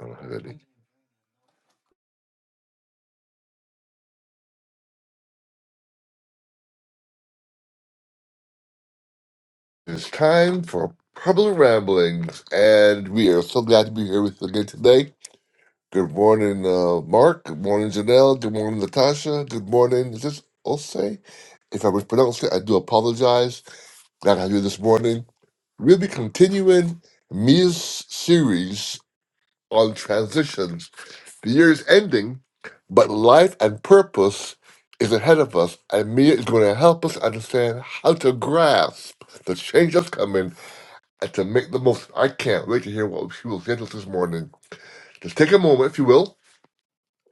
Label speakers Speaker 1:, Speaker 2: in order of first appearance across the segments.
Speaker 1: I don't have any. It's time for Purple Ramblings, and we are so glad to be here with you again today. Good morning, uh, Mark. Good morning, Janelle. Good morning, Natasha. Good morning. Is this Ose? If I mispronounced it, I do apologize. Glad to have you this morning. We'll be continuing Mia's series on transitions. The year is ending, but life and purpose is ahead of us, and Mia is going to help us understand how to grasp the change that's coming and to make the most. I can't wait to hear what she will say to us this morning. Just take a moment, if you will,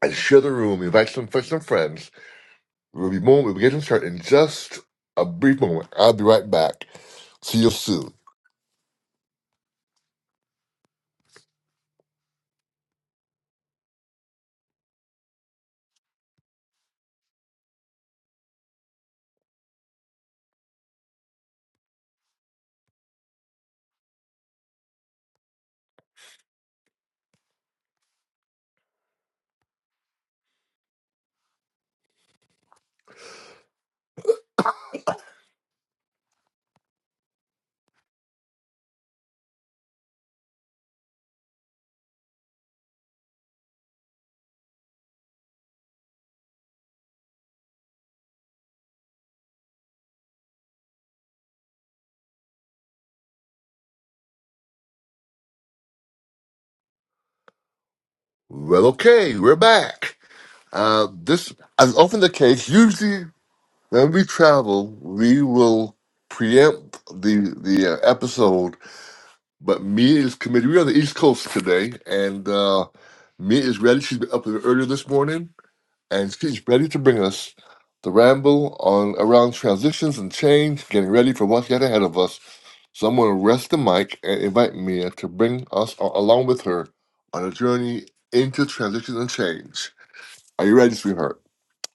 Speaker 1: and share the room. Invite some friends and friends. We'll be moment. We'll get them started in just a brief moment. I'll be right back. See you soon. Well, okay, we're back. Uh, this, as often the case, usually when we travel, we will preempt the the uh, episode. But me is committed. We're on the East Coast today, and uh, me is ready. She's been up earlier this morning and she's ready to bring us the ramble on around transitions and change, getting ready for what's yet ahead of us. So I'm going to rest the mic and invite Mia to bring us a- along with her on a journey into transition and change. Are you ready, sweetheart?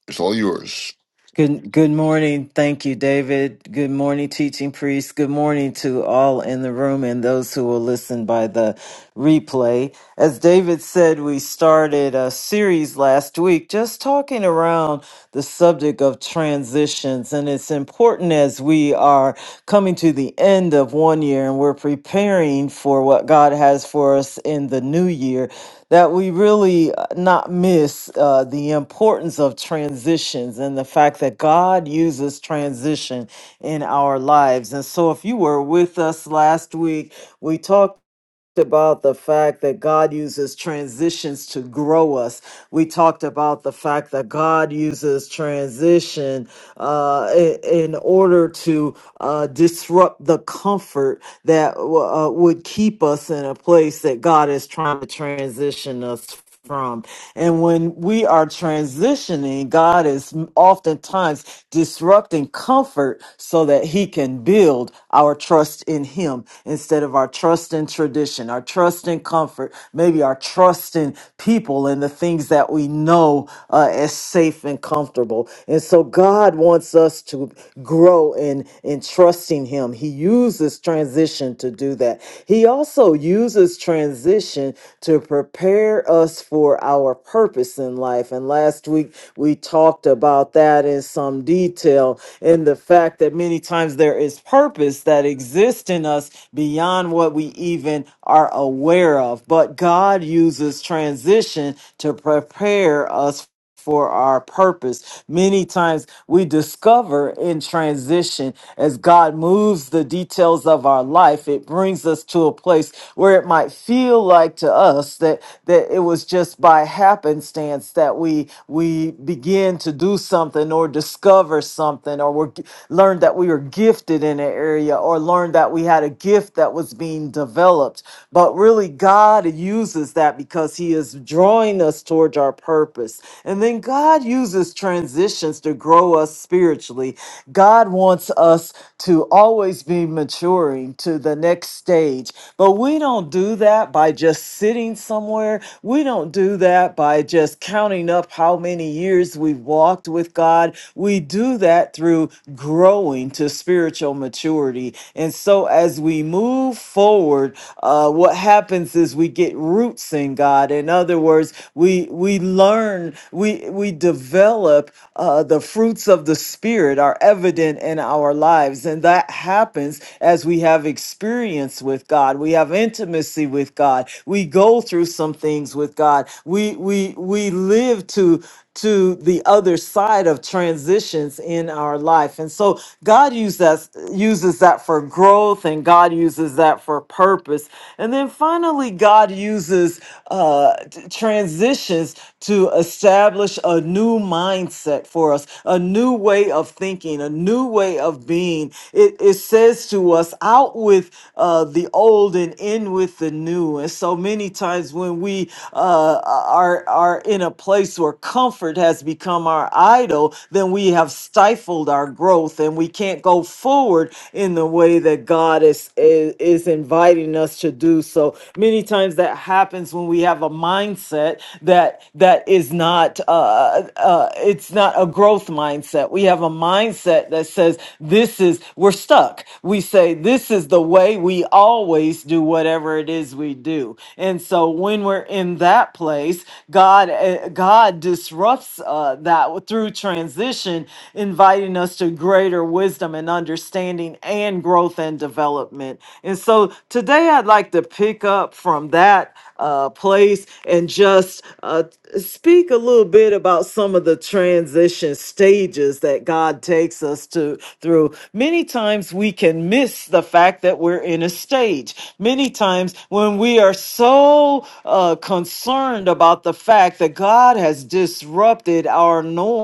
Speaker 1: It's all yours.
Speaker 2: Good good morning. Thank you, David. Good morning, teaching priest. Good morning to all in the room and those who will listen by the replay. As David said, we started a series last week just talking around the subject of transitions. And it's important as we are coming to the end of one year and we're preparing for what God has for us in the new year that we really uh, not miss uh, the importance of transitions and the fact that God uses transition in our lives. And so, if you were with us last week, we talked about the fact that God uses transitions to grow us. We talked about the fact that God uses transition uh, i- in order to uh, disrupt the comfort that uh, would keep us in a place that God is trying to transition us from. And when we are transitioning, God is oftentimes disrupting comfort so that He can build our trust in Him instead of our trust in tradition, our trust in comfort, maybe our trust in people and the things that we know uh, as safe and comfortable. And so God wants us to grow in, in trusting Him. He uses transition to do that. He also uses transition to prepare us for our purpose in life. And last week we talked about that in some detail in the fact that many times there is purpose that exists in us beyond what we even are aware of. But God uses transition to prepare us for our purpose. Many times we discover in transition as God moves the details of our life, it brings us to a place where it might feel like to us that that it was just by happenstance that we we begin to do something or discover something or we learned that we were gifted in an area or learned that we had a gift that was being developed. But really God uses that because he is drawing us towards our purpose. And then God uses transitions to grow us spiritually. God wants us to always be maturing to the next stage. But we don't do that by just sitting somewhere. We don't do that by just counting up how many years we've walked with God. We do that through growing to spiritual maturity. And so as we move forward, uh, what happens is practices we get roots in god in other words we we learn we we develop uh, the fruits of the spirit are evident in our lives and that happens as we have experience with god we have intimacy with god we go through some things with god we we we live to to the other side of transitions in our life. And so God uses that, uses that for growth and God uses that for purpose. And then finally, God uses uh, t- transitions to establish a new mindset for us, a new way of thinking, a new way of being. It, it says to us, out with uh, uh, the old and in with the new. And so many times when we uh, are are in a place where comfort has become our idol, then we have stifled our growth and we can't go forward in the way that God is is, is inviting us to do. So many times that happens when we have a mindset that that is not uh, uh, uh, it's not a growth mindset. We have a mindset that says, this is, we're stuck. We say, this is the way we always do whatever it is we do. And so when we're in that place, God, uh, God disrupts uh, that through transition, inviting us to greater wisdom and understanding and growth and development. And so Today, I'd like to pick up from that uh, place and just uh, speak a little bit about some of the transition stages that God takes us to through. Many times we can miss the fact that we're in a stage. Many times when we are so uh, concerned about the fact that God has disrupted our norm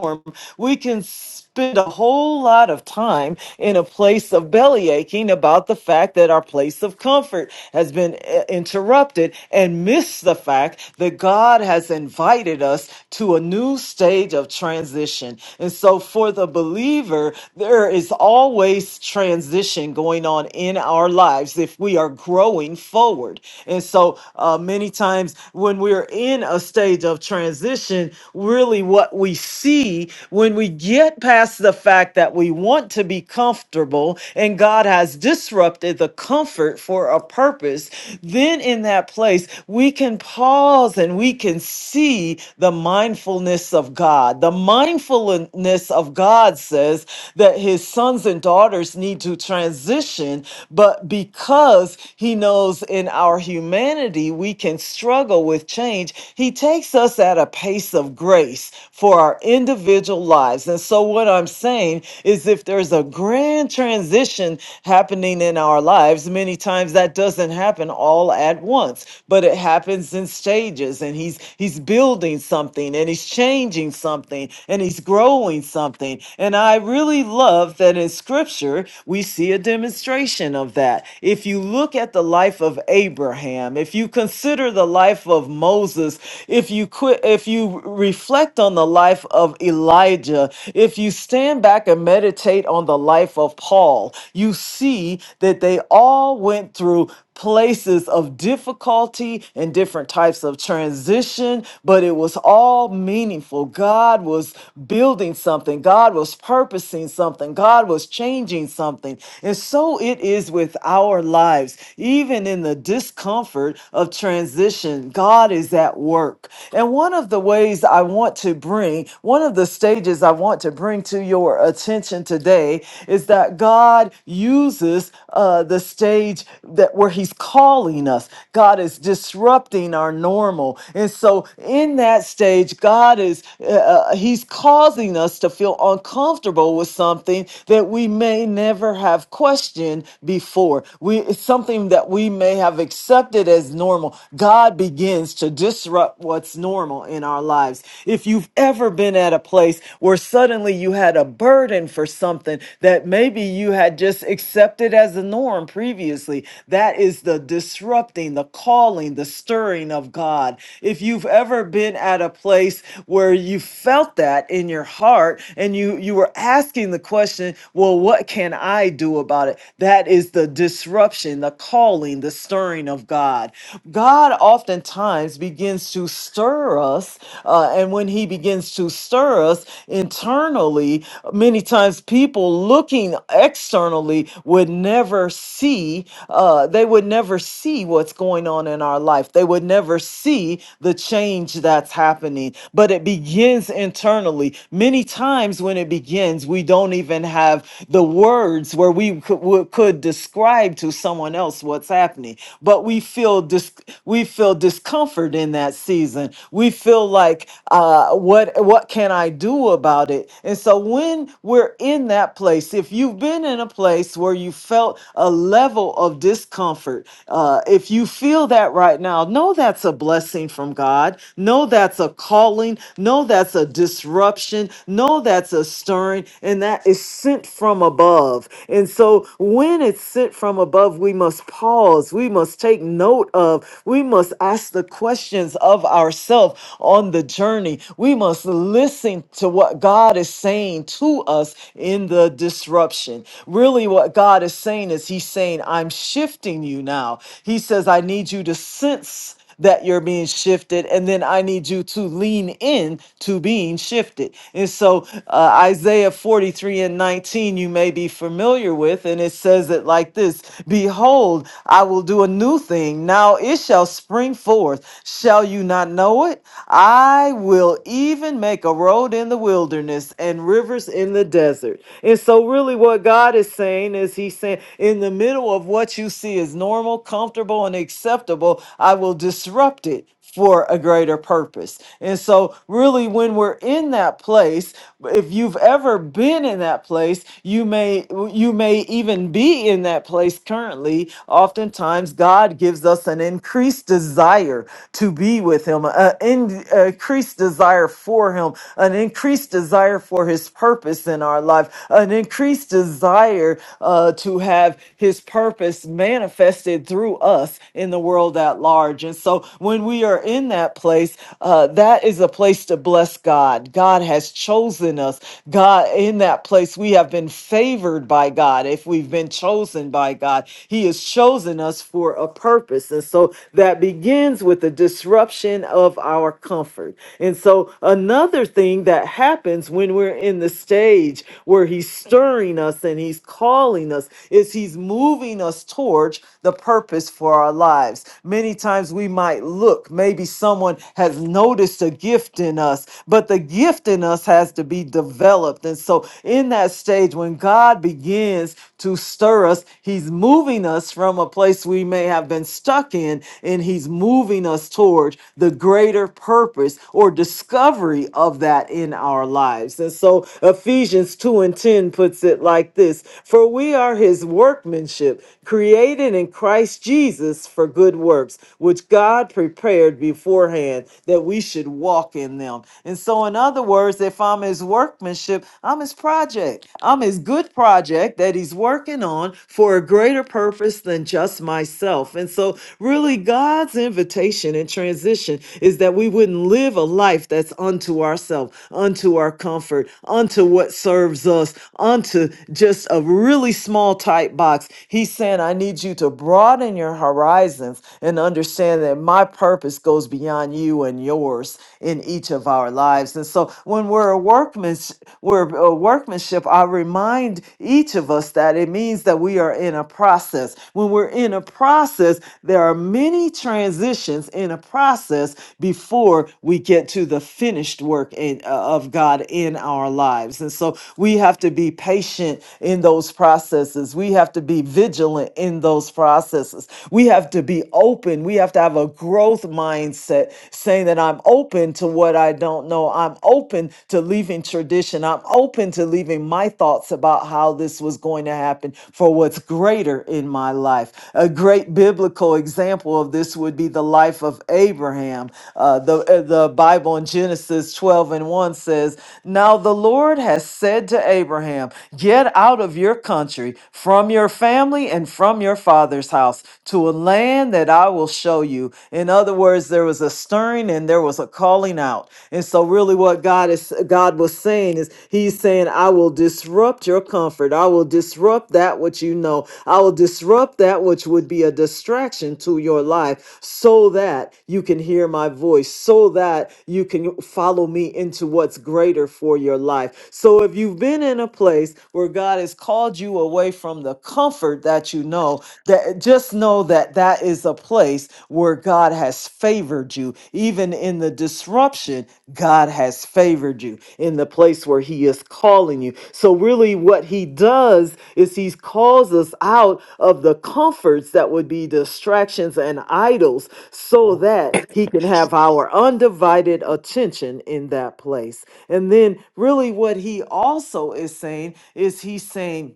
Speaker 2: platform, we can spend a whole lot of time in a place of belly aching about the fact that our place of comfort has been eh, interrupted and miss the fact that God has invited us to a new stage of transition. And so for the believer, there is always transition going on in our lives if we are growing forward. And so uh, many times when we're in a stage of transition, really what we see when we get past the fact that we want to be comfortable and God has disrupted the comfort for a purpose. Then in that place, we can pause and we can see the mindfulness of God. The mindfulness of God says that his sons and daughters need to transition, but because he knows in our humanity we can struggle with change, he takes us at a pace of grace for our individual lives. And so, what I'm saying is, if there's a grand transition happening in our lives, many times that doesn't happen all at once, but it happens in stages. And He's He's building something, and He's changing something, and He's growing something. And I really love that in Scripture we see a demonstration of that. If you look at the life of Abraham, if you consider the life of of Moses, if you quit, if you reflect on the life of Elijah, if you stand back and meditate on the life of Paul, you see that they all went through places of difficulty and different types of transition, but it was all meaningful. God was building something, God was purposing something, God was changing something. And so it is with our lives, even in the discomfort of transition. God is at work. And one of the ways I want to bring, one of the stages I want to bring to your attention today is that God uses uh, the stage that where He's calling us. God is disrupting our normal. And so in that stage, God is, uh, uh, He's causing us to feel uncomfortable with something that we may never have questioned before. We, it's something that we may may have accepted as normal, God begins to disrupt what's normal in our lives. If you've ever been at a place where suddenly you had a burden for something that maybe you had just accepted as the norm previously, that is the disrupting, the calling, the stirring of God. If you've ever been at a place where you felt that in your heart and you you were asking the question, well, what can I do about it? That is the disrupting disruption, the calling, the stirring of God. God oftentimes begins to stir us, uh, and when He begins to stir us internally, many times people looking externally would never see, uh, they would never see what's going on in our life. They would never see the change that's happening, but it begins internally. Many times when it begins, we don't even have the words where we could could would, could describe to someone else what's happening but we feel dis, we feel discomfort in that season we feel like uh, what what can i do about it and so when we're in that place if you've been in a place where you felt a level of discomfort uh, if you feel that right now know that's a blessing from god know that's a calling know that's a disruption know that's a stirring and that is sent from above. And so when it's sent from above, we must pause, we must take note of, we must ask the questions of ourselves on the journey. We must listen to what God is saying to us in the disruption. Really, what God is saying is He's saying, I'm shifting you now. He says, I need you to sense that you're being shifted and then i need you to lean in to being shifted and so uh, isaiah 43 and 19 you may be familiar with and it says it like this behold i will do a new thing now it shall spring forth shall you not know it i will even make a road in the wilderness and rivers in the desert and so really what god is saying is he's saying in the middle of what you see is normal comfortable and acceptable I will disrupt it for a greater purpose. And so, really, when we're in that place, if you've ever been in that place, you may you may even be in that place currently. Oftentimes, God gives us an increased desire to be with Him, an increased desire for Him, an increased desire for His purpose in our life, an increased desire uh, to have His purpose manifested through us in the the world at large. And so when we are in that place, uh, that is a place to bless God. God has chosen us. God, in that place, we have been favored by God. If we've been chosen by God, He has chosen us for a purpose. And so that begins with the disruption of our comfort. And so another thing that happens when we're in the stage where He's stirring us and He's calling us is He's moving us towards the purpose for for our lives. Many times we might look, maybe someone has noticed a gift in us, but the gift in us has to be developed. And so, in that stage, when God begins to stir us, He's moving us from a place we may have been stuck in, and He's moving us toward the greater purpose or discovery of that in our lives. And so, Ephesians 2 and 10 puts it like this For we are His workmanship created in Christ Jesus for good works, which God prepared beforehand that we should walk in them. And so, in other words, if I'm his workmanship, I'm his project. I'm his good project that he's working on for a greater purpose than just myself. And so, really, God's invitation and transition is that we wouldn't live a life that's unto ourselves, unto our comfort, unto what serves us, unto just a really small tight box. He's saying, I need you to broaden your horizons and understand that my purpose goes beyond you and yours in each of our lives. And so when we're a workman's we're a workmanship, I remind each of us that it means that we are in a process. When we're in a process, there are many transitions in a process before we get to the finished work in, uh, of God in our lives. And so we have to be patient in those processes. We have have to be vigilant in those processes. We have to be open. We have to have a growth mindset saying that I'm open to what I don't know. I'm open to leaving tradition. I'm open to leaving my thoughts about how this was going to happen for what's greater in my life. A great biblical example of this would be the life of Abraham. Uh, the, uh, the Bible in Genesis 12 and 1 says, Now the Lord has said to Abraham, Get out of your country from your family and from your father's house to a land that I will show you. In other words, there was a stirring and there was a calling out. And so really what God is God was saying is he's saying I will disrupt your comfort. I will disrupt that which you know. I will disrupt that which would be a distraction to your life so that you can hear my voice, so that you can follow me into what's greater for your life. So if you've been in a place where God has called you away, away from the comfort that you know that just know that that is a place where God has favored you even in the disruption God has favored you in the place where he is calling you so really what he does is he calls us out of the comforts that would be distractions and idols so that he can have our undivided attention in that place and then really what he also is saying is he's saying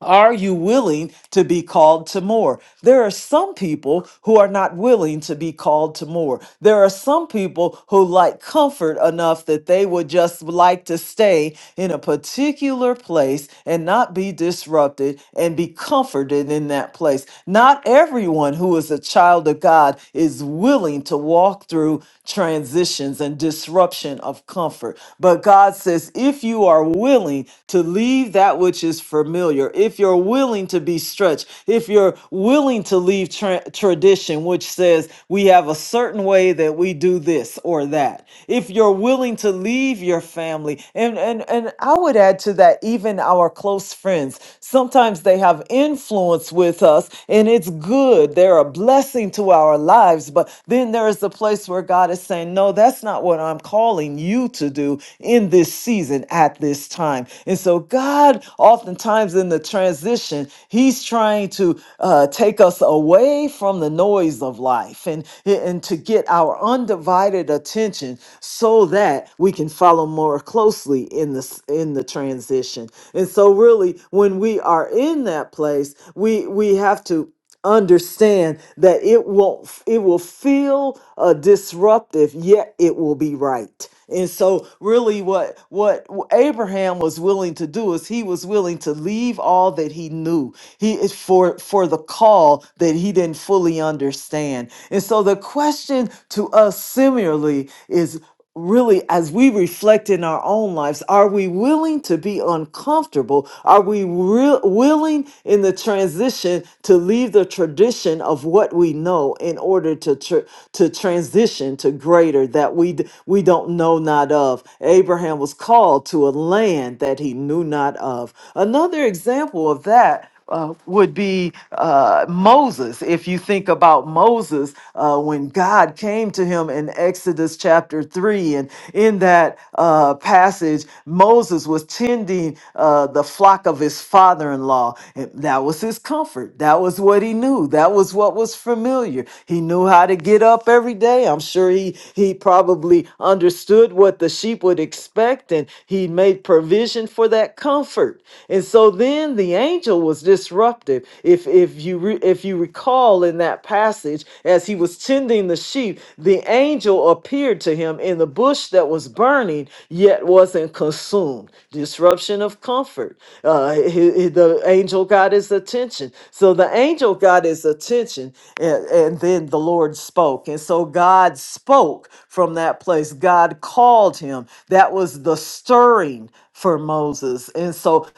Speaker 2: are you willing to be called to more? There are some people who are not willing to be called to more. There are some people who like comfort enough that they would just like to stay in a particular place and not be disrupted and be comforted in that place. Not everyone who is a child of God is willing to walk through transitions and disruption of comfort, but God God says, if you are willing to leave that which is familiar, if you're willing to be stretched, if you're willing to leave tra- tradition, which says we have a certain way that we do this or that, if you're willing to leave your family, and, and, and I would add to that, even our close friends, sometimes they have influence with us, and it's good. They're a blessing to our lives, but then there is the place voice where God is saying, No, that's not what I'm calling you to do in this season at this time. And so, God, oftentimes in the transition, He's trying to uh, take us away from the noise of life and, and to get our undivided attention so that we can follow more closely in this in the transition. And so really when we are in that place, we we have to understand that it won't it will feel uh, disruptive yet it will be right and so really what what abraham was willing to do is he was willing to leave all that he knew he is for for the call that he didn't fully understand and so the question to us similarly is really as we reflect in our own lives are we willing to be uncomfortable are we real willing in the transition to leave the tradition of what we know in order to tr- to transition to greater that we d- we don't know not of abraham was called to a land that he knew not of another example of that uh, would be uh, Moses. If you think about Moses, uh, when God came to him in Exodus chapter 3, and in that uh, passage, Moses was tending uh, the flock of his father in law. And that was his comfort. That was what he knew. That was what was familiar. He knew how to get up every day. I'm sure he, he probably understood what the sheep would expect, and he made provision for that comfort. And so then then the angel was disruptive. If if you re, if you recall in that passage, as he was tending the sheep, the angel appeared to him in the bush that was burning yet wasn't consumed. Disruption of comfort. Uh, he- he- the angel got his attention. So the angel got his attention, and, and then the Lord spoke. And so God spoke from that place. God called him. That was the stirring for Moses. And so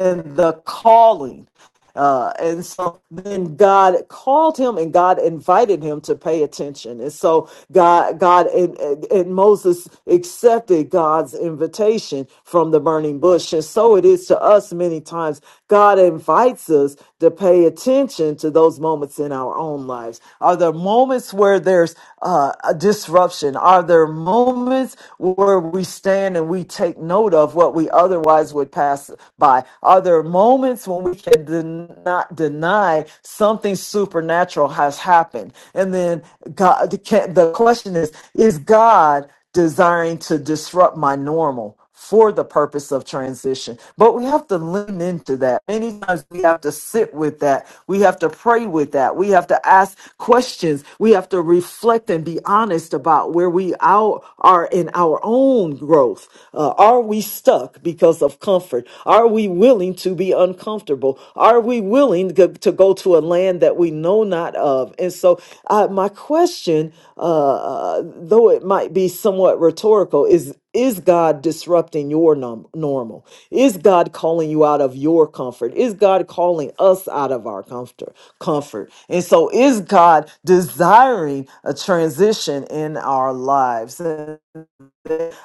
Speaker 2: and the calling. Uh, and so then God called him and God invited him to pay attention. And so God, God and, and and Moses accepted God's invitation from the burning bush. And so it is to us many times. God invites us to pay attention to those moments in our own lives. Are there moments where there's uh, a disruption? Are there moments where we stand and we take note of what we otherwise would pass by? Are there moments when we can den- not deny something supernatural has happened? And then God, the ca- the question is, is God desiring to disrupt my normal? for the purpose of transition. But we have to lean into that. Many times we have to sit with that. We have to pray with that. We have to ask questions. We have to reflect and be honest about where we out are in our own growth. Uh, are we stuck because of comfort? Are we willing to be uncomfortable? Are we willing to to go to a land that we know not of? And so, uh, my question, uh, uh, though it might be somewhat rhetorical, is is God disrupting your num- normal? Is God calling you out of your comfort? Is God calling us out of our comfort? Comfort. And so is God desiring a transition in our lives? And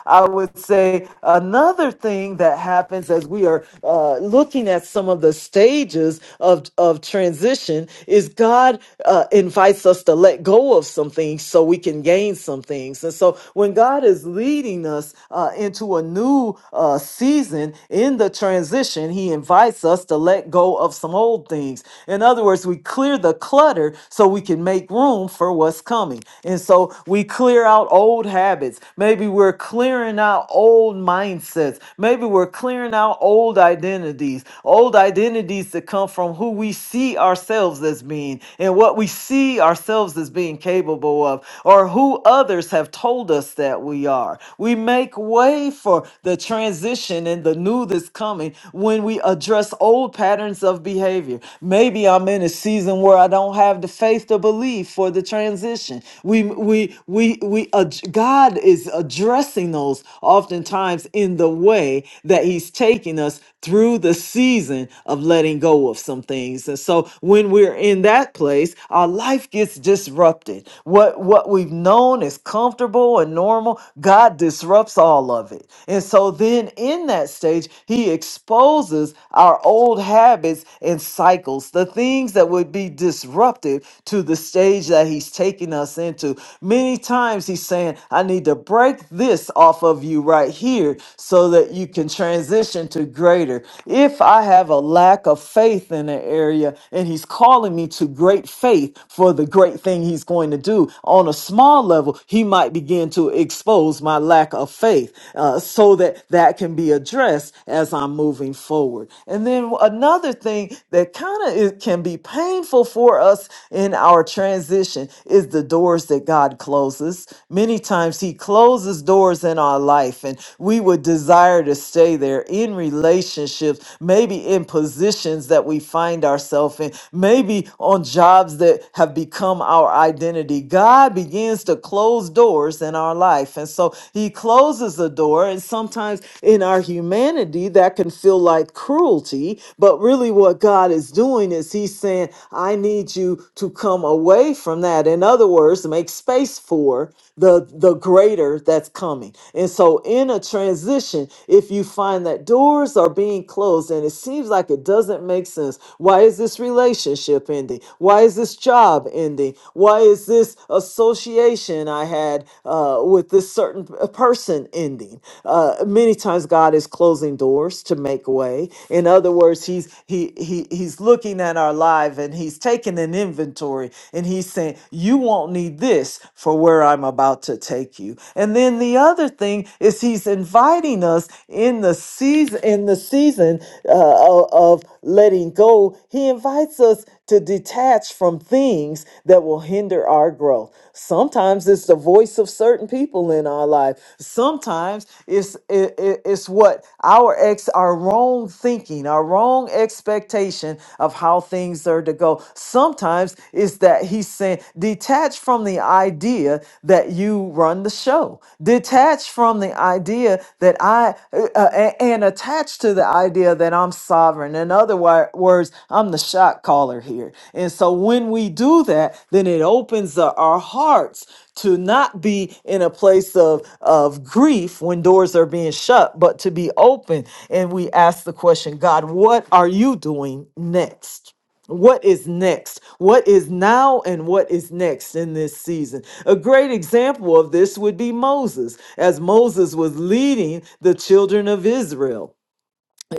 Speaker 2: I would say another thing that happens as we are uh, looking at some of the stages of, of transition is God uh, invites us to let go of some things so we can gain some things. And so when God is leading us uh, into a new uh, season in the transition, He invites us to let go of some old things. In other words, we clear the clutter so we can make room for what's coming. And so we clear out old habits habits. Maybe we're clearing out old mindsets. Maybe we're clearing out old identities, old identities that come from who we see ourselves as being and what we see ourselves as being capable of, or who others have told us that we are. We make way for the transition and the new that's coming when we address old patterns of behavior. Maybe I'm in a season where I don't have the faith to believe for the transition. We we we we we ad- God is addressing those oftentimes in the way that He's taking us through the season of letting go of some things. And so when we're in that place, our life gets disrupted. What what we've known is comfortable and normal, God disrupts all of it. And so then in that stage, He exposes our old habits and cycles, the things that would be disruptive to the stage that He's taking us into. Many times he's saying, I need to break this off of you right here so that you can transition to greater. If I have a lack of faith in an area and he's calling me to great faith for the great thing he's going to do, on a small level, he might begin to expose my lack of faith uh, so that that can be addressed as I'm moving forward. And then another thing that kind of can be painful for us in our transition is is the doors that God closes. Many times He closes doors in our life, and we would desire to stay there in relationships, maybe in positions that we find ourselves in, maybe on jobs that have become our identity. God begins to close doors in our life. And so He closes a door, and sometimes in our humanity, that can feel like cruelty. But really, what God is doing is He's saying, I need you to come away away from that. In other words, to make space for the the greater that's coming. And so in a transition, if you find that doors are being closed and it seems like it doesn't make sense, why is this relationship ending? Why is this job ending? Why is this association I had uh, with this certain p- person ending? Uh, many times God is closing doors to make way. In other words, He's He He He's looking at our life and He's taking an inventory inventory. And he's saying, You won't need this for where I'm about to take you. And then the other thing is he's inviting us in the season in the season uh, o- of letting go. He invites us to detach from things that will hinder our growth. Sometimes it's the voice of certain people in our life. Sometimes it's it, it- it's what our ex our wrong thinking, our wrong expectation of how things are to go know, sometimes it's that he's saying, detach from the idea that you run the show, detach from the idea that I, uh, uh, and attach to the idea that I'm sovereign. In other wi- words, I'm the shot caller here. And so when we do that, then it opens up our hearts to not be in a place of, of grief when doors are being shut, but to be open. And we ask the question, God, what are you doing next? what is next what is now and what is next in this season a great example of this would be moses as moses was leading the children of israel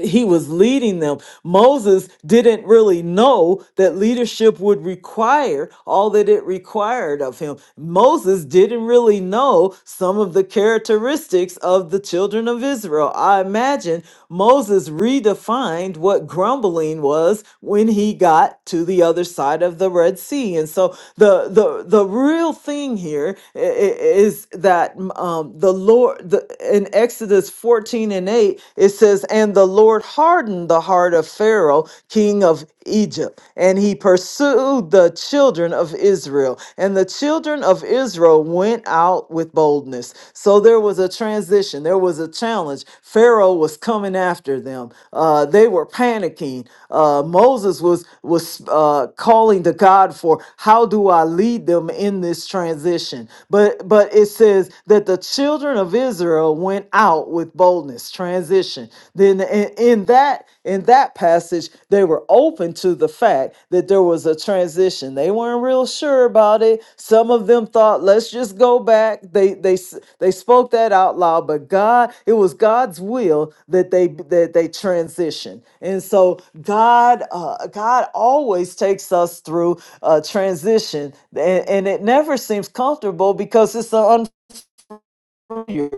Speaker 2: he was leading them. Moses didn't really know that leadership would require all that it required of him. Moses didn't really know some of the characteristics of the children of Israel. I imagine Moses redefined what grumbling was when he got to the other side of the Red Sea. And so the the the real thing here i- i- is that um, the Lord the, in Exodus 14 13 and 8, it says, And the Lord hardened the heart of Pharaoh, king of Egypt, and he pursued the children of Israel. And the children of Israel went out with boldness. So there was a transition, there was a challenge. Pharaoh was coming after them. Uh, they were panicking. Uh, Moses was, was uh, calling to God for, How do I lead them in this transition? But, but it says that the children of Israel. Israel went out with boldness. Transition. Then in, in that in that passage, they were open to the fact that there was a transition. They weren't real sure about it. Some of them thought, "Let's just go back." They they s- they spoke that out loud, but God, it was God's will that they that they transition. And so God uh, God always takes us through a transition, and, and it never seems comfortable because it's an years.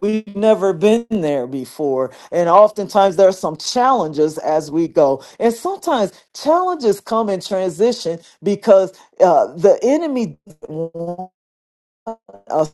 Speaker 2: We've never been there before. And oftentimes there are some challenges as we go. And sometimes challenges come in transition because uh, the enemy doesn't want us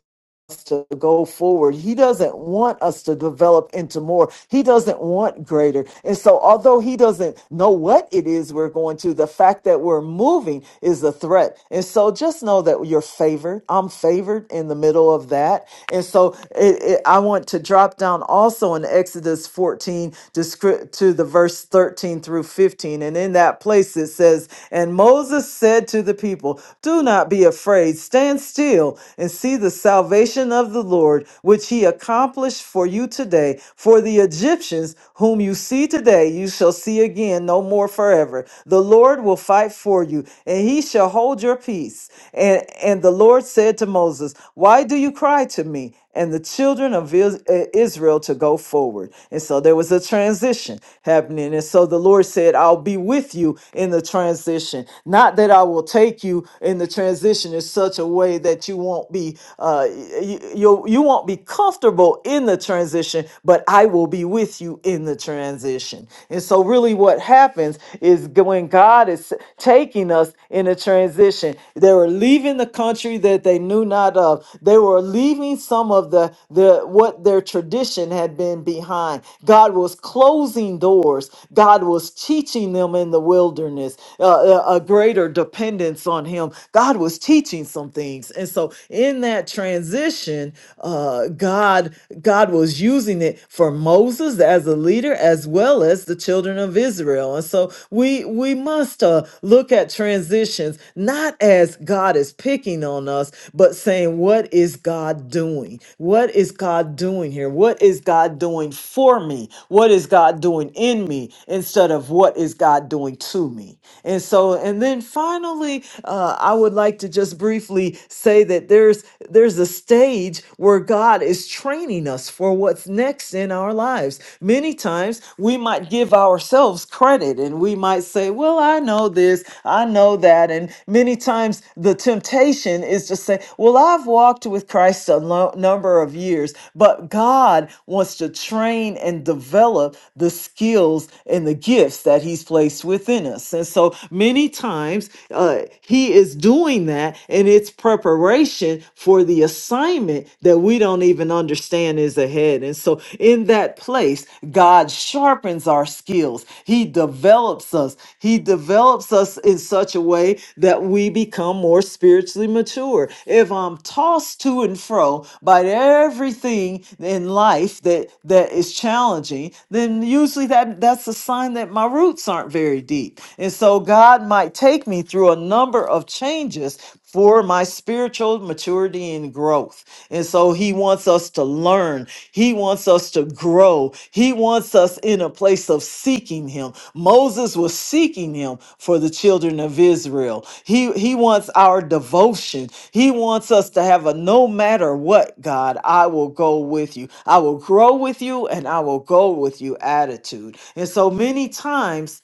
Speaker 2: us to go forward. He doesn't want us to develop into more. He doesn't want greater. And so, although he doesn't know what it is we're going to, the fact that we're moving is a threat. And so, just know that you're favored. I'm favored in the middle of that. And so, it, it, I want to drop down also in Exodus 14 to, script, to the verse 13 through 15. And in that place, it says, And Moses said to the people, 'Do not be afraid, stand still and and see the salvation of the Lord, which he accomplished for you today. For the Egyptians, whom you see today, you shall see again no more forever. The Lord will fight for you, and he shall hold your peace. And, and the Lord said to Moses, Why do you cry to me? And the children of Is- uh, Israel to go forward. And so there was a transition happening. And so the Lord said, I'll be with you in the transition. Not that I will take you in the transition in such a way that you won't be uh, you, you you won't be comfortable in the transition, but I will be with you in the transition. And so, really, what happens is g- when God is taking us in a transition, they were leaving the country that they knew not of. They were leaving some of the the what their tradition had been behind. God was closing doors. God was teaching them in the wilderness uh, a a greater dependence on Him. God God was teaching some things. And so in that transition, uh, God God was using it for Moses as a leader as well as the children of Israel. And so we we must uh, look at transitions not as God is picking on us, but saying what is God doing? What is God doing here? What is God doing for me? What is God doing in me instead of what is God doing to me? And so and then finally really, uh, I would like to just briefly say that there's there's a stage where God is training us for what's next in our lives. Many times we might give ourselves credit and we might say, "Well, I know this, I know that," and many times the temptation is to say, "Well, I've walked with Christ a lo- number of years," but God wants to train and develop the skills and the gifts that He's placed within us, and so many many times uh, he is doing that, and it's preparation for the assignment that we don't even understand is ahead. And so, in that place, God sharpens our skills, He develops us, He develops us in such a way that we become more spiritually mature. If I'm tossed to and fro by everything in life that that is challenging, then usually that that's a sign that my roots aren't very deep. And so God might take me through a number of changes for my spiritual maturity and growth. And so he wants us to learn. He wants us to grow. He wants us in a place of seeking him. Moses was seeking him for the children of Israel. He he wants our devotion. He wants us to have a no matter what, God, I will go with you. I will grow with you and I will go with you attitude. And so many times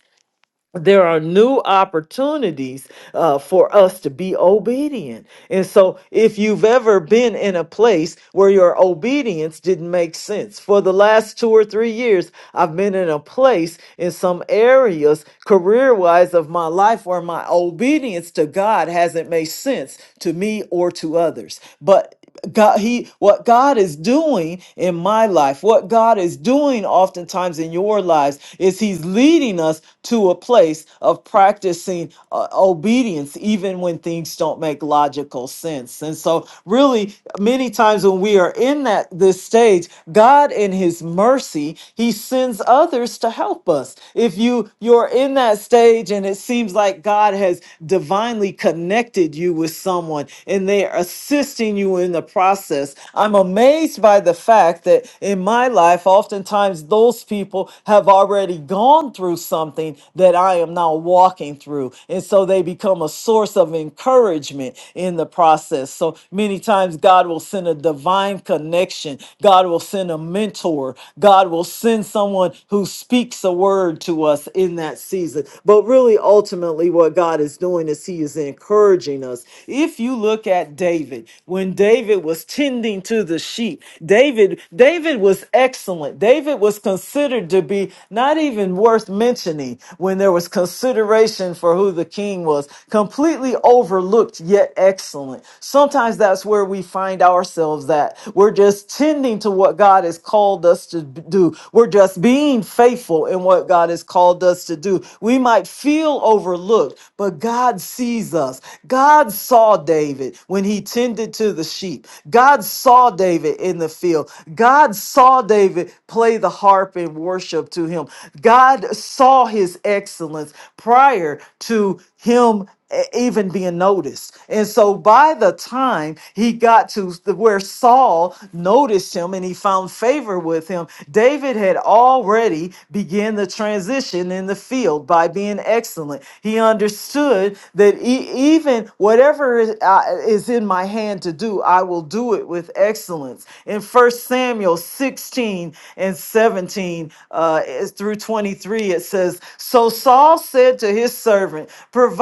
Speaker 2: there are new opportunities uh, for us to be obedient. And so, if you've ever been in a place where your obedience didn't make sense, for the last two or three years, I've been in a place in some areas, career wise, of my life where my obedience to God hasn't made sense to me or to others. But God, he, what God is doing in my life, what God is doing oftentimes in your lives is he's leading us to a place of practicing uh, obedience, even when things don't make logical sense. And so really many times when we are in that, this stage, God in his mercy, he sends others to help us. If you, you're in that stage and it seems like God has divinely connected you with someone and they are assisting assisting you in the process. I'm amazed by the fact that in my life, oftentimes those people have already gone through something that I am now walking through. And so they become a source of encouragement in the process. So many times God will send a divine connection, God will send a mentor, God will send someone who speaks a word to us in that season. But really, ultimately, what God is doing is He is encouraging us. If you look look at David, when David was tending to the sheep, David David was excellent. David was considered to be not even worth mentioning when there was consideration for who the king was. Completely overlooked yet excellent. Sometimes that's where we find ourselves at. We're just tending to what God has called us to do. We're just being faithful in what God has called us to do. We might feel overlooked, but God sees us. God God saw David when he tended to the sheep. God saw David in the field. God saw David play the harp and worship to him. God saw his excellence prior to him e- even being noticed. And so by the time he got to the- where Saul noticed him and he found favor with him, David had already began the transition in the field by being excellent. He understood that E- even whatever is, uh, is in my hand to do, I will do it with excellence. In First Samuel 16 and 17 uh, is through 23, it says, So Saul said to his servant, 'Provide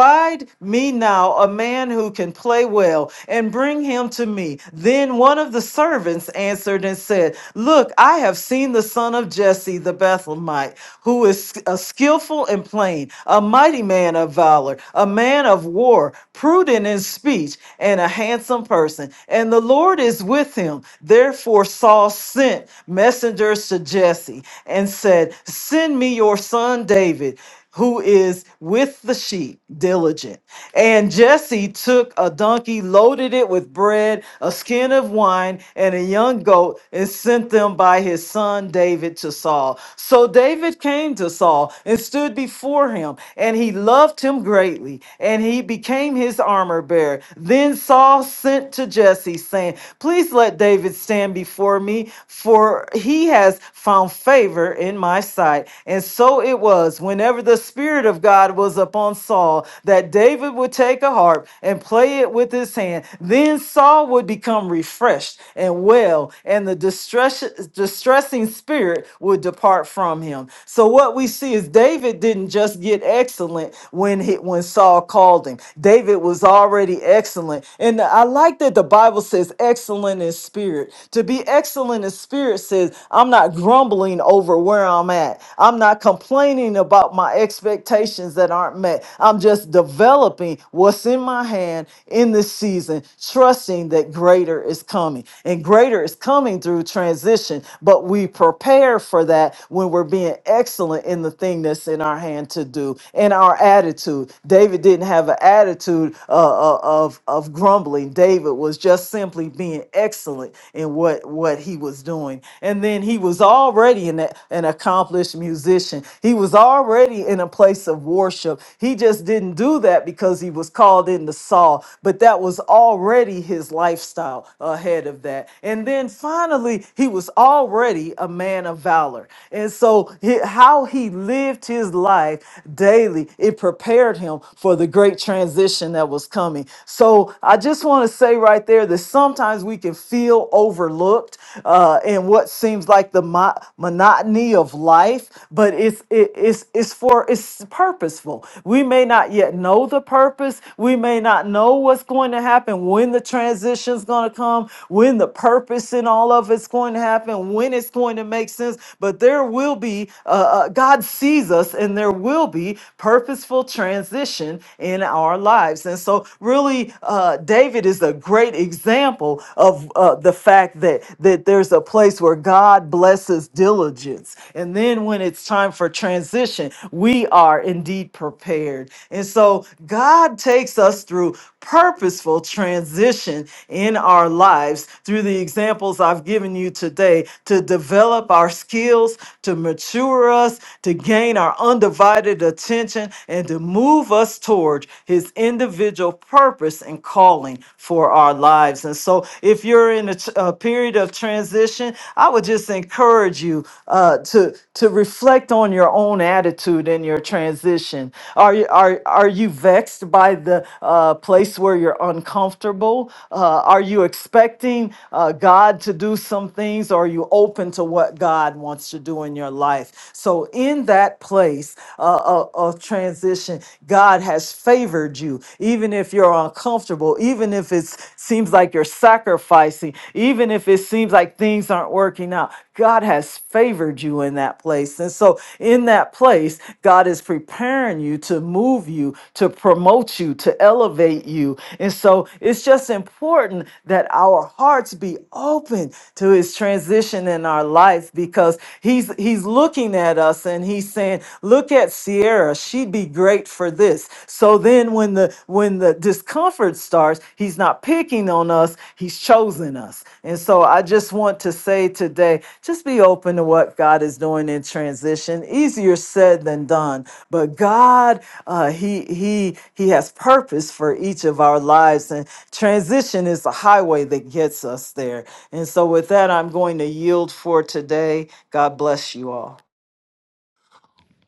Speaker 2: me now a man who can play well, and bring him to me. Then one of the servants answered and said, Look, I have seen the son of Jesse the Bethlehemite, who is a skillful and plain, a mighty man of valor a man of war, prudent in speech, and a handsome person. And the Lord is with him. Therefore, Saul sent messengers to Jesse and said, Send me your son David who is with the sheep, diligent. And Jesse took a donkey, loaded it with bread, a skin of wine, and a young goat, and sent them by his son David to Saul. So David came to Saul and stood before him, and he loved him greatly, and he became his armor bearer. Then Saul sent to Jesse, saying, Please let David stand before me, for he has found favor in my sight. And so it was, whenever the Spirit of God was upon Saul, that David would take a harp and play it with his hand. Then Saul would become refreshed and well, and the distress, distressing spirit would depart from him. So, what we see is David didn't just just get excellent when he, when Saul called him. David was already excellent. And I like that the Bible says excellent in spirit. To be excellent in spirit says I'm not grumbling over where I'm at. I'm not complaining about my expectations that aren't met. I'm just developing what's in my hand in this season, trusting that greater is coming. And greater is coming through transition, but we prepare for that when we're being excellent in the thing that's everything in our hand to do and our attitude. David didn't have an attitude uh, uh, of of grumbling. David was just simply being excellent in what what he was doing. And then he was already an an accomplished musician. He was already in a place of worship. He just didn't do that because he was called into Saul, but that was already his lifestyle ahead of that. And then finally, he was already a man of valor. And so, he- how how he lived his life daily, it prepared him for the great transition that was coming. So I just want to say right there that sometimes we can feel overlooked uh, in what seems like the mo- monotony of life, but it's it, it's it's for it's purposeful. We may not yet know the purpose. We may not know what's going to happen when the transition's going to come, when the purpose in all of it's going to happen, when it's going to make sense. But there will be, uh, uh, God sees us, and there will be purposeful transition in our lives. And so, really, uh, David is a great example of uh, the fact that, that there's a place where God blesses diligence. And then, when it's time for transition, we are indeed prepared. And so, God takes us through purposeful transition in our lives through the examples I've given you today to develop our skills, to mature us, to gain our undivided attention, and to move us toward His individual purpose and calling for our lives. And so, if you're in a, tr- a period of transition, I would just encourage you uh, to to reflect on your own attitude in your transition. Are you are are you vexed by the uh, place where you're uncomfortable? Uh, are you expecting uh, God to do some things? Or are you open to what God wants to do in your life? So in that place uh, of, of transition, God has favored you, even if you're uncomfortable, even if it seems seems like you're sacrificing, even if it seems like things aren't working out. God has favored you in that place. And so, in that place, God is preparing you to move you, to promote you, to elevate you. And so, it's just important that our hearts be open to his transition in our life because he's he's looking at us and he's saying, "Look at." at Sierra, she'd be great for this. So then when the when the discomfort starts, he's not picking on us, he's chosen us. And so I just want to say today, just be open to what God is doing in transition. Easier said than done, but God uh he he he has purpose for each of our lives and transition is the highway that gets us there. And so with that, I'm going to yield for today. God bless you all.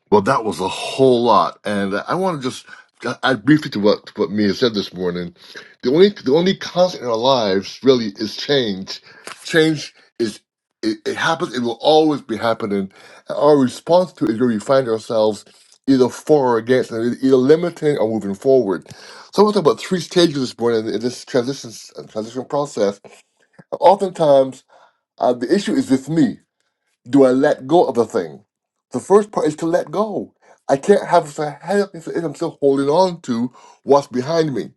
Speaker 1: Well, that was a whole lot, and I want to just add briefly to what what Mia said this morning. The only the only constant in our lives really is change. Change is it, it happens. It will always be happening. And our response to it is where we find ourselves either for or against, and either limiting or moving forward. So I want to talk about three stages this morning in this transition transition process. Oftentimes, uh, the issue is with me do I let go of the thing? The first part is to let go. I can't have a happiness if I'm still holding on to what's behind me.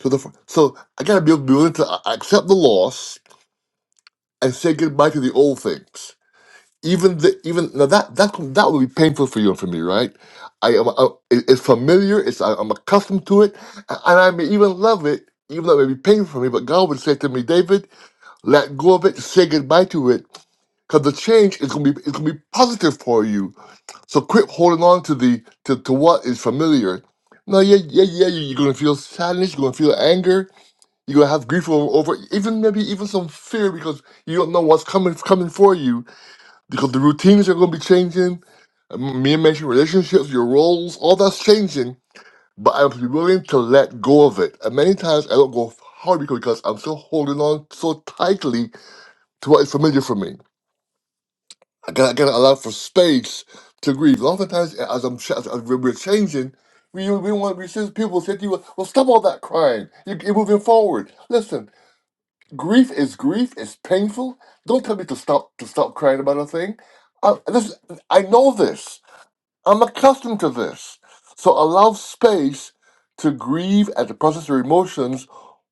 Speaker 1: So the fir- so I gotta be able to be willing to a- accept the loss and say goodbye to the old things. Even the even now that that that would be painful for you and for me, right? I am I, it- it's familiar. It's I, I'm accustomed to it, a- and I may even love it, even though it may be painful for me. But God would say to me, David, let go of it, say goodbye to it, because the change is gonna be it's gonna be positive for you so quit holding on to the to, to what is familiar. No, yeah, yeah, yeah. you- You're gonna feel sadness. You're gonna feel anger. You're gonna have grief over, over even maybe even some fear because you don't know what's coming coming for you because the routines are gonna be changing. Um, Me and mentioned relationships, your roles, all that's changing. But I have to be willing to let go of it. And many times I don't go hard because because I'm still holding on so tightly to what is familiar for me. I gotta, gotta allow for space to grieve. Oftentimes, as I'm ch- as we're changing, we we want we see people say to you, "Well, stop all that crying. You, you're moving forward. Listen, grief is grief. It's painful. Don't tell me to stop to stop crying about a thing. I, listen, I know this. I'm accustomed to this. So allow space to grieve and to process your emotions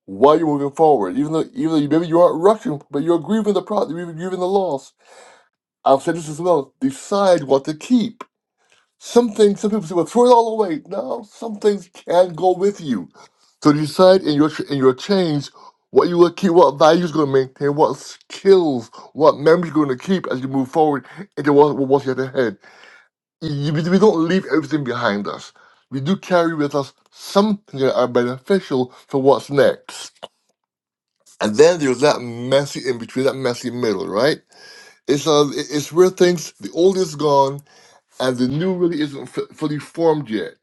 Speaker 1: while you're moving forward. Even though even though you, maybe you aren't rushing, but you're grieving the pro, you're grieving the loss I've said this as well. Decide what to keep. Some things, some people say, "Well, throw it all away." No, some things can go with you. So decide in your in your change what you will keep, what values you're going to maintain, what skills, what memories you're going to keep as you move forward into what what's yet ahead. You- we we don't leave everything behind us. We do carry with us some things that are beneficial for what's next. And then there's that messy in between, that messy middle, right? It's uh, it- it's where things the old is gone and the new really isn't f- fully formed yet.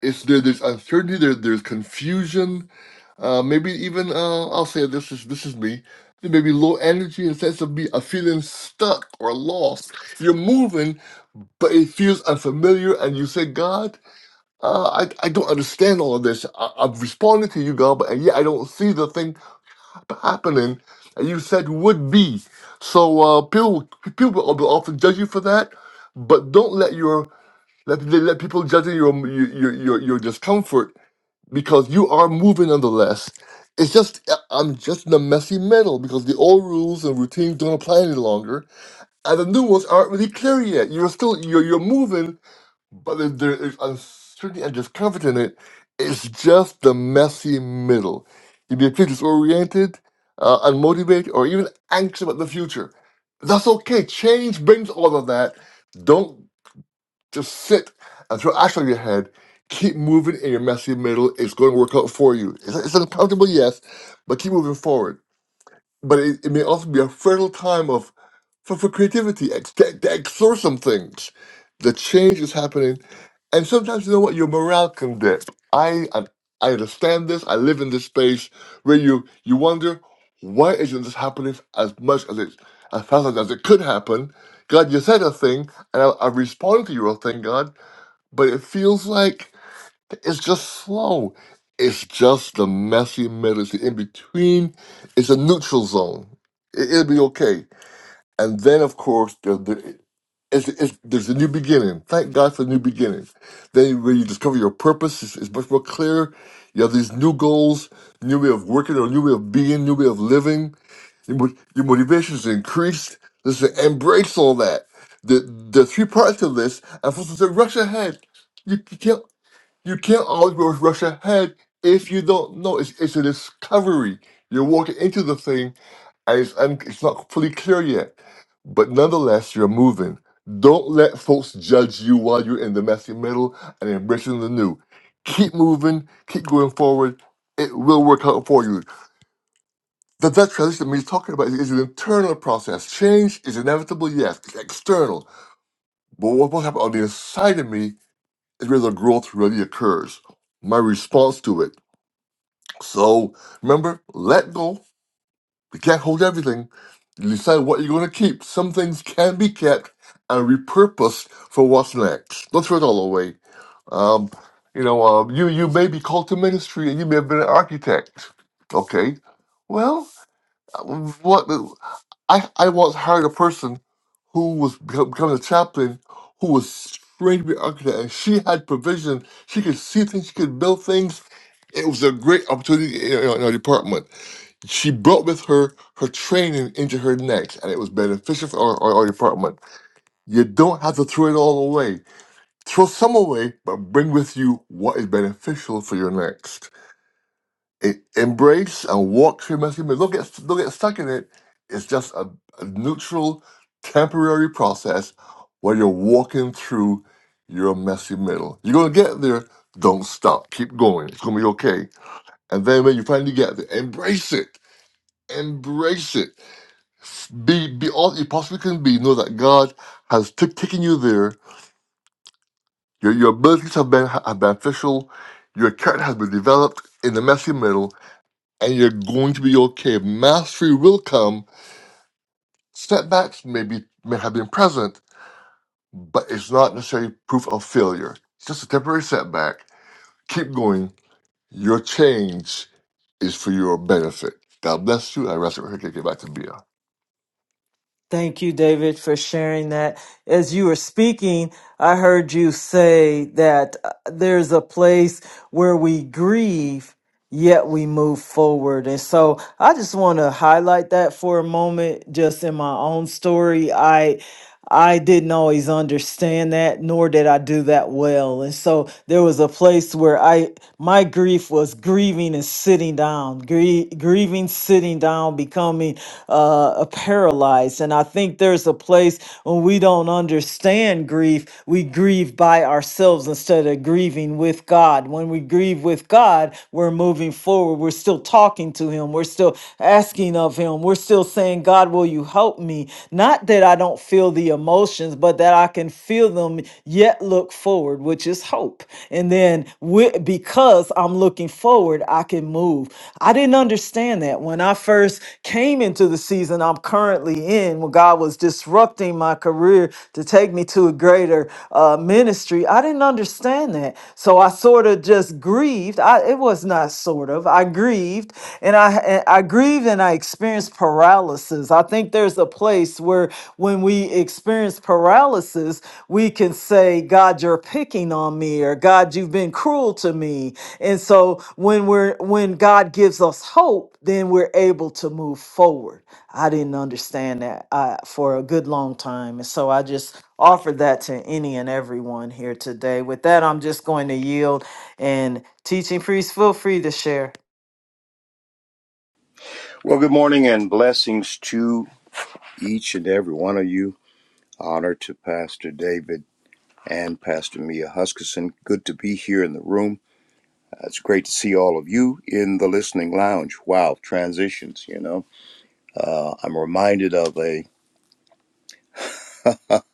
Speaker 1: It's there, there's uncertainty, there, there's confusion, uh, maybe even uh, I'll say this is this is me. There may be low energy and sense of be a feeling stuck or lost. You're moving, but it feels unfamiliar, and you say, "God, uh, I I don't understand all of this. I, I've responded to you, God, but and yet I don't see the thing happening that you said would be." So uh, people people will often judge you for that, but don't let your let, let people judge your, your your your discomfort because you are moving nonetheless. It's just uh, I'm just in a messy middle because the old rules and routines don't apply any longer, and the new ones aren't really clear yet. You're still you're you're moving, but there, there is uncertainty and discomfort in it. It's just the messy middle. You may feel disoriented, uh, unmotivated, or even anxious about the future. That's okay. Change brings all of that. Don't just sit and throw ash on your head. Keep moving in your messy middle. It's going to work out for you. It's, it's uncomfortable, yes, but keep moving forward. But it, it may also be a fertile time of for, for creativity. Ex- to, to explore some things. The change is happening, and sometimes you know what your morale can dip. I I I understand this. I live in this space where you you wonder why isn't this happening as much as it as fast as it could happen. God, you said a thing, and I, I responded to your thing, God but it feels like it's just slow. It's just the messy middle. It's the in between. It's a neutral zone. It, it'll be okay. And then, of course, the, the, it's, it's, there's a new beginning. Thank God for new beginnings. Then, when you discover your purpose, it's, it's much more clear. You have these new goals, new way of working, or new way of being, new way of living. Your, mo- your motivation is increased. Listen, embrace all that. The, the three parts of this, and for to rush ahead. You, you can't. You can't always rush rush ahead if you don't know. It's, it's a discovery. You're walking into the thing and it's, un, it's not fully clear yet. But nonetheless, you're moving. Don't let folks judge you while you're in the messy middle and embracing the new. Keep moving, keep going forward. It will work out for you. That, that transition that he's talking about is, is an internal process. Change is inevitable, yes, it's external. But what will happen on the inside of me is where the growth really occurs. My response to it. So remember, let go. You can't hold everything. You decide what you're going to keep. Some things can be kept and repurposed for what's next. Don't throw it all away. Um, you know, um, you you may be called to ministry and you may have been an architect. Okay, well, what I I once hired a person who was become- becoming a chaplain who was trained to be an architect and she had provision. She could see things. She could build things. It was a great opportunity in our in our department she brought with her her training into her next, and it was beneficial for our, our, our department. You don't have to throw it all away. Throw some away, but bring with you what is beneficial for your next. E- embrace and walk through messy. but Don't get, don't get stuck in it. It's just a, a neutral, temporary process where you're walking through your messy middle. You're going to get there. Don't stop. Keep going. It's going to be okay. And then when you finally get there, embrace it. Embrace it be be all you possibly can be. Know that God has t- taken you there. Your your abilities have been have been official. Your character has been developed in the messy middle, and you're going to be okay. Mastery will come. Setbacks may be may have been present, but it's not necessarily proof of failure. It's just a temporary setback. Keep going. Your change is for your benefit. God bless you. I rest it. Get back to Bia.
Speaker 2: Thank you, David, for sharing that. As you were speaking, I heard you say that uh, there's a place where we grieve yet we move forward. And so I just want to highlight that for a moment just in my own story. I I didn't always understand that nor did I do that well. And so there was a place where I my grief was grieving and sitting down, grie- grieving sitting down becoming uh a paralyzed. And I think there's a place when we don't understand grief, we grieve by ourselves instead of grieving with God. When we grieve with God, God, we're moving forward. We're still talking to Him. We're still asking of Him. We're still saying, God, will you help me? Not that I don't feel the emotions, but that I can feel them yet look forward, which is hope. And then wi- because I'm looking forward, I can move. I didn't understand that when I first came into the season I'm currently in, when God was disrupting my career to take me to a greater uh, ministry. I didn't understand that. So I sort of just grew grieved. I it was not sort of. I grieved and I I grieved and I experienced paralysis. I think there's a place where when we experience paralysis, we can say, God, you're picking on me, or God, you've been cruel to me. And so when we're when God gives us hope, then we're able to move forward. I didn't understand that uh, for a good long time. And so I just offer that to any and everyone here today. With that, I'm just going to yield. And teaching priest, feel free to share.
Speaker 3: Well, good morning and blessings to each and every one of you. Honor to Pastor David and Pastor Mia Huskisson. Good to be here in the room. Uh, It's great to see all of you in the listening lounge. Wow, transitions, you know. Uh, I'm reminded of a of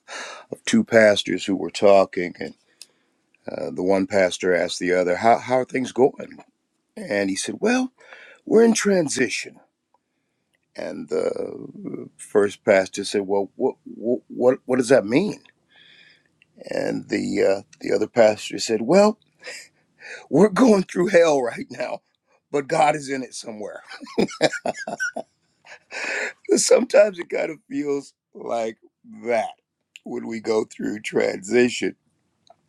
Speaker 3: two pastors who were talking, and uh, the one pastor asked the other, how, how are things going? And he said, Well, we're in transition. And the first pastor said, Well, what, what, what does that mean? And the uh, the other pastor said, "Well, we're going through hell right now, but God is in it somewhere." Sometimes it kind of feels like that when we go through transition.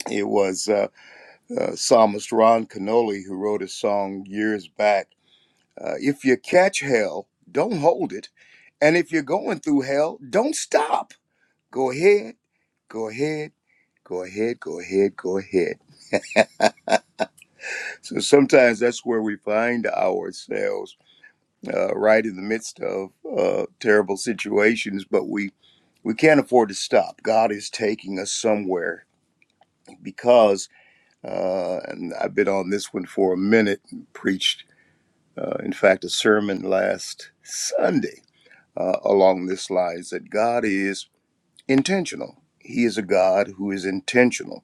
Speaker 3: It was uh, uh, psalmist Ron Canole who wrote a song years back. Uh, if you catch hell, don't hold it, and if you're going through hell, don't stop. Go ahead, go ahead, go ahead, go ahead, go ahead. So sometimes that's where we find ourselves, uh, right in the midst of uh, terrible situations. But we we can't afford to stop. God is taking us somewhere because, uh, and I've been on this one for a minute. and Preached, uh, in fact, a sermon last Sunday uh, along this lines that God is intentional. He is a God who is intentional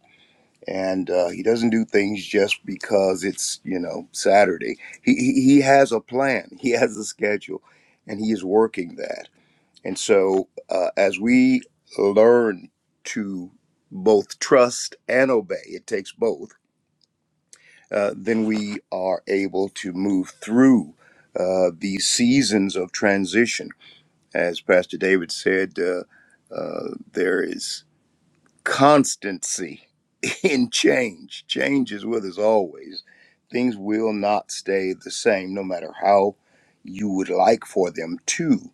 Speaker 3: and uh, he doesn't do things just because it's you know Saturday. He he he has a plan. He has a schedule, and he is working that. And so uh, as we learn to both trust and obey, it takes both. Uh, then we are able to move through uh, these seasons of transition. As Pastor David said, uh, uh, there is constancy in change. Change is with us always. Things will not stay the same, no matter how you would like for them to.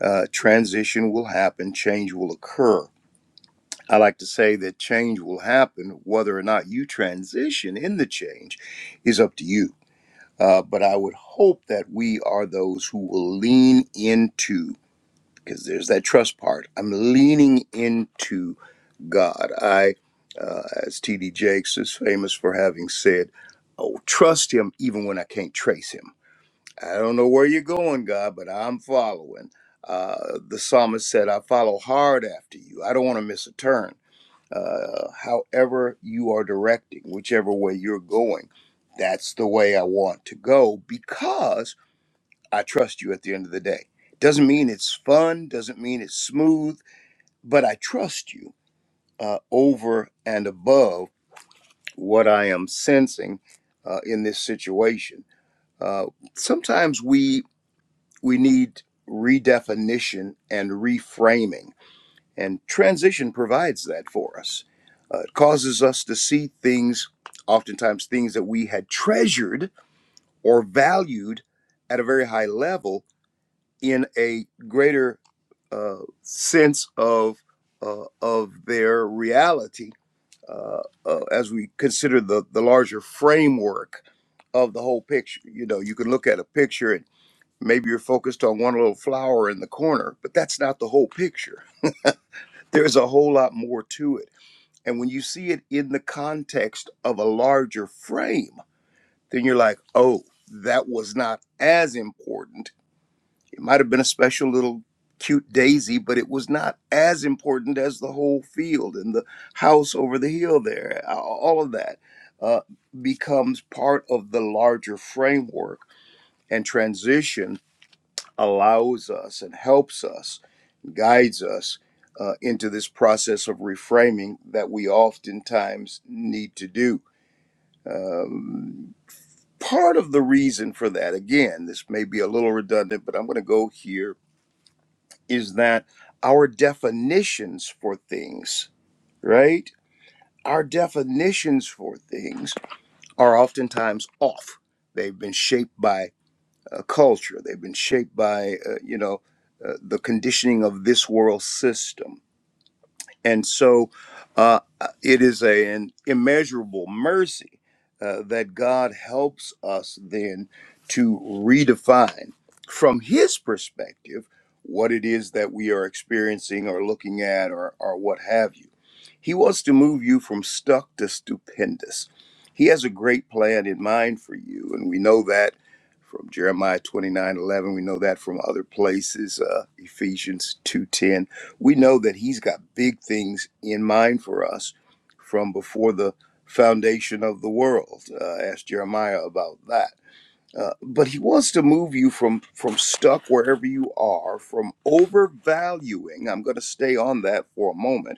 Speaker 3: Uh, transition will happen, change will occur. I like to say that change will happen, whether or not you transition in the change is up to you. Uh, but I would hope that we are those who will lean into, because there's that trust part. I'm leaning into God. I, uh, as T.D. Jakes is famous for having said, oh, trust him even when I can't trace him. I don't know where you're going, God, but I'm following. Uh, the psalmist said, I follow hard after you. I don't want to miss a turn. Uh, however, you are directing, whichever way you're going, that's the way I want to go because I trust you at the end of the day. Doesn't mean it's fun, doesn't mean it's smooth, but I trust you uh, over and above what I am sensing uh, in this situation. Uh, sometimes we we need redefinition and reframing, and transition provides that for us. Uh, it causes us to see things, oftentimes things that we had treasured or valued at a very high level, in a greater uh, sense of uh, of their reality uh, uh, as we consider the the larger framework of the whole picture. You know, you can look at a picture and maybe you're focused on one little flower in the corner, but that's not the whole picture. There's a whole lot more to it. And when you see it in the context of a larger frame, then you're like, oh, that was not as important it might have been a special little cute daisy, but it was not as important as the whole field and the house over the hill there. All of that uh, becomes part of the larger framework, and transition allows us and helps us, guides us. Uh, into this process of reframing that we oftentimes need to do. Part of the reason for that, again, this may be a little redundant, but I'm going to go here is that our definitions for things, right? Our definitions for things are oftentimes off. They've been shaped by uh, culture. They've been shaped by, uh, you know, uh, the conditioning of this world system and so uh, it is a, an immeasurable mercy uh, that God helps us then to redefine from His perspective what it is that we are experiencing or looking at or, or what have you. He wants to move you from stuck to stupendous. He has a great plan in mind for you, and we know that from Jeremiah 29 11. We know that from other places, uh, Ephesians 2:10 we know that he's got big things in mind for us from before the foundation of the world uh, ask jeremiah about that uh, but he wants to move you from from stuck wherever you are from overvaluing i'm going to stay on that for a moment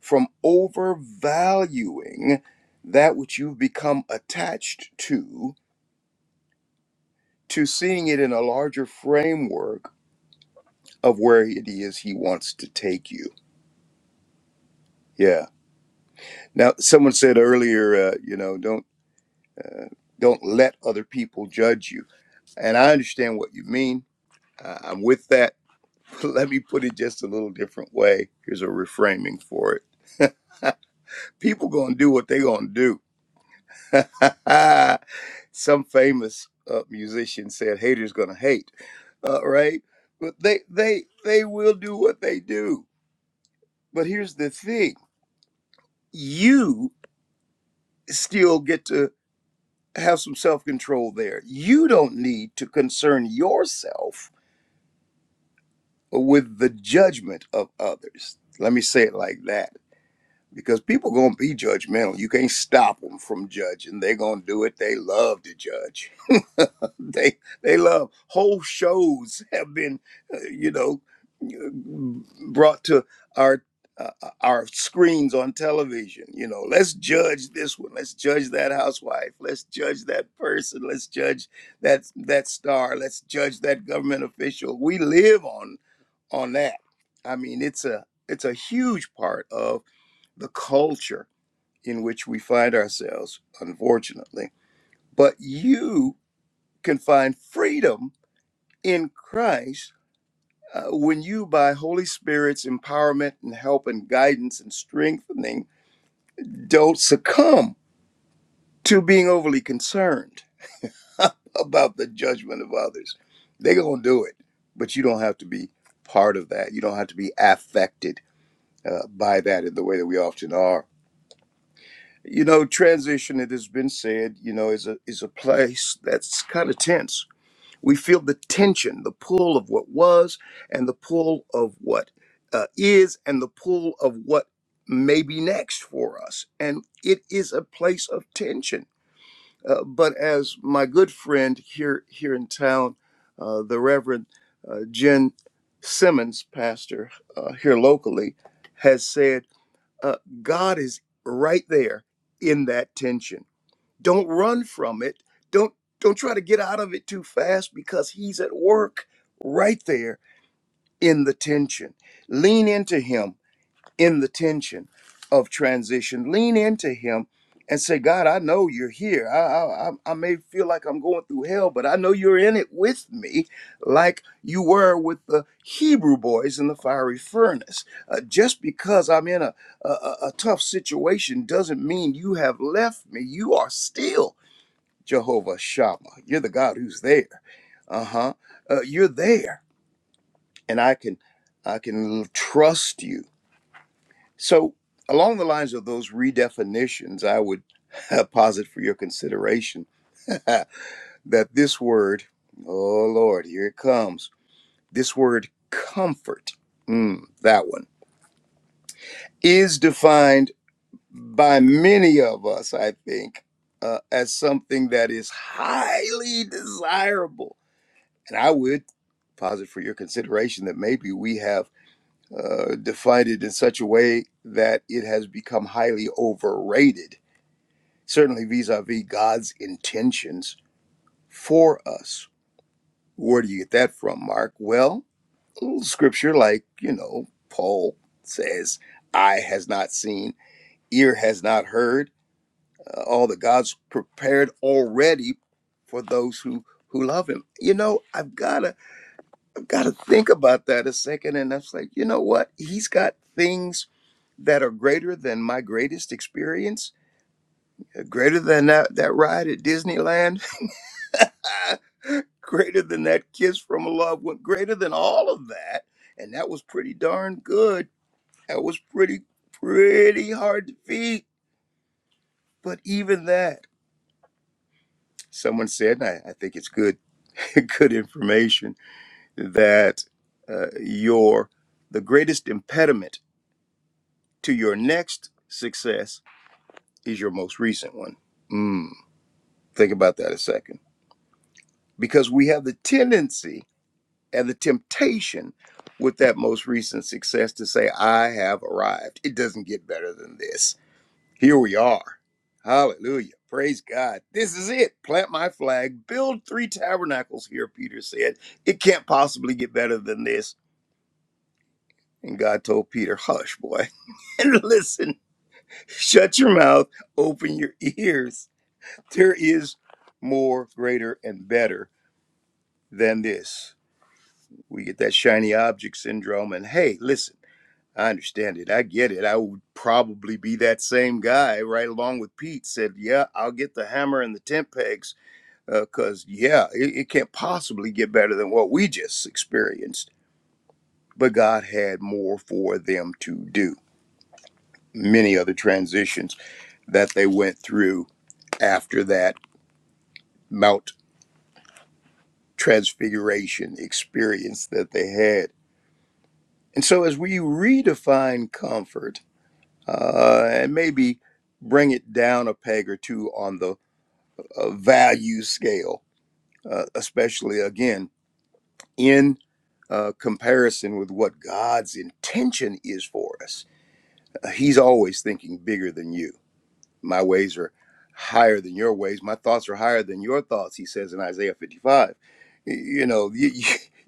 Speaker 3: from overvaluing that which you've become attached to to seeing it in a larger framework of where it is he wants to take you yeah Now, someone said earlier, uh, you know, don't don't let other people judge you, and I understand what you mean. Uh, I'm with that. Let me put it just a little different way. Here's a reframing for it. People gonna do what they gonna do. Some famous uh, musician said, "Haters gonna hate," uh, right? But they they they will do what they do. But here's the thing: you still get to. have some self control there. You don't need to concern yourself with the judgment of others. Let me say it like that because people gonna be judgmental. You can't stop them from judging. They're gonna do it. They love to judge. they they love whole shows have been, uh, you know, uh, brought to our uh, uh, our screens on television. You know, let's judge this one. Let's judge that housewife. Let's judge that person. Let's judge that that star. Let's judge that government official. We live on on that. I mean, it's a it's a huge part of the culture in which we find ourselves, unfortunately. But you can find freedom in Christ uh, when you, by Holy Spirit's empowerment and help and guidance and strengthening, don't succumb to being overly concerned about the judgment of others. They're going to do it, but you don't have to be part of that. You don't have to be affected uh, by that in the way that we often are. You know, transition, it has been said, you know, is a is a place that's kind of tense. We feel the tension, the pull of what was, and the pull of what uh, is, and the pull of what may be next for us. And it is a place of tension. Uh, but as my good friend here here in town, uh, the Reverend uh, Jen Simmons, pastor uh, here locally, has said uh, God is right there in that tension. Don't run from it. Don't don't try to get out of it too fast because He's at work right there in the tension. Lean into Him in the tension of transition. Lean into Him and say, God, I know you're here. I, I, I may feel like I'm going through hell, but I know you're in it with me, like you were with the Hebrew boys in the fiery furnace. Uh, just because I'm in a, a, a a tough situation doesn't mean you have left me. You are still Jehovah Shammah. You're the God who's there. Uh-huh. Uh, you're there. And I can I can trust you so, along the lines of those redefinitions, I would posit for your consideration that this word, oh Lord, here it comes, this word comfort, mm, that one, is defined by many of us, I think, uh, as something that is highly desirable. And I would posit for your consideration that maybe we have uh, defined it in such a way that it has become highly overrated certainly vis a vis God's intentions for us. Where do you get that from, Mark? Well, scripture like, you know, Paul says, Eye has not seen, ear has not heard, uh, all that God's prepared already for those who who love him. You know, I've gotta I've gotta think about that a second and I was like, you know what? He's got things that are greater than my greatest experience, greater than that, that ride at Disneyland. greater than that kiss from a loved one, greater than all of that. And that was pretty darn good. That was pretty, pretty hard to beat. But even that, someone said, and I, I think it's good, good information, that uh, your the greatest impediment to your next success is your most recent one. Mm, think about that a second, because we have the tendency and the temptation with that most recent success to say, I have arrived. It doesn't get better than this. Here we are. Hallelujah. Praise God. This is it. Plant my flag, build three tabernacles here, Peter said. It can't possibly get better than this. And God told Peter, Hush, boy, and listen, shut your mouth, open your ears. There is more, greater, and better than this. We get that shiny object syndrome. And hey, listen. I understand it. I get it. I would probably be that same guy right along with Pete said, Yeah, I'll get the hammer and the tent pegs because, uh, yeah, it, it can't possibly get better than what we just experienced. But God had more for them to do. Many other transitions that they went through after that Mount Transfiguration experience that they had. And so, as we redefine comfort uh, and maybe bring it down a peg or two on the uh, value scale, uh, especially again in uh, comparison with what God's intention is for us. Uh, he's always thinking bigger than you. My ways are higher than your ways. My thoughts are higher than your thoughts, he says in Isaiah 55. You know, you, you,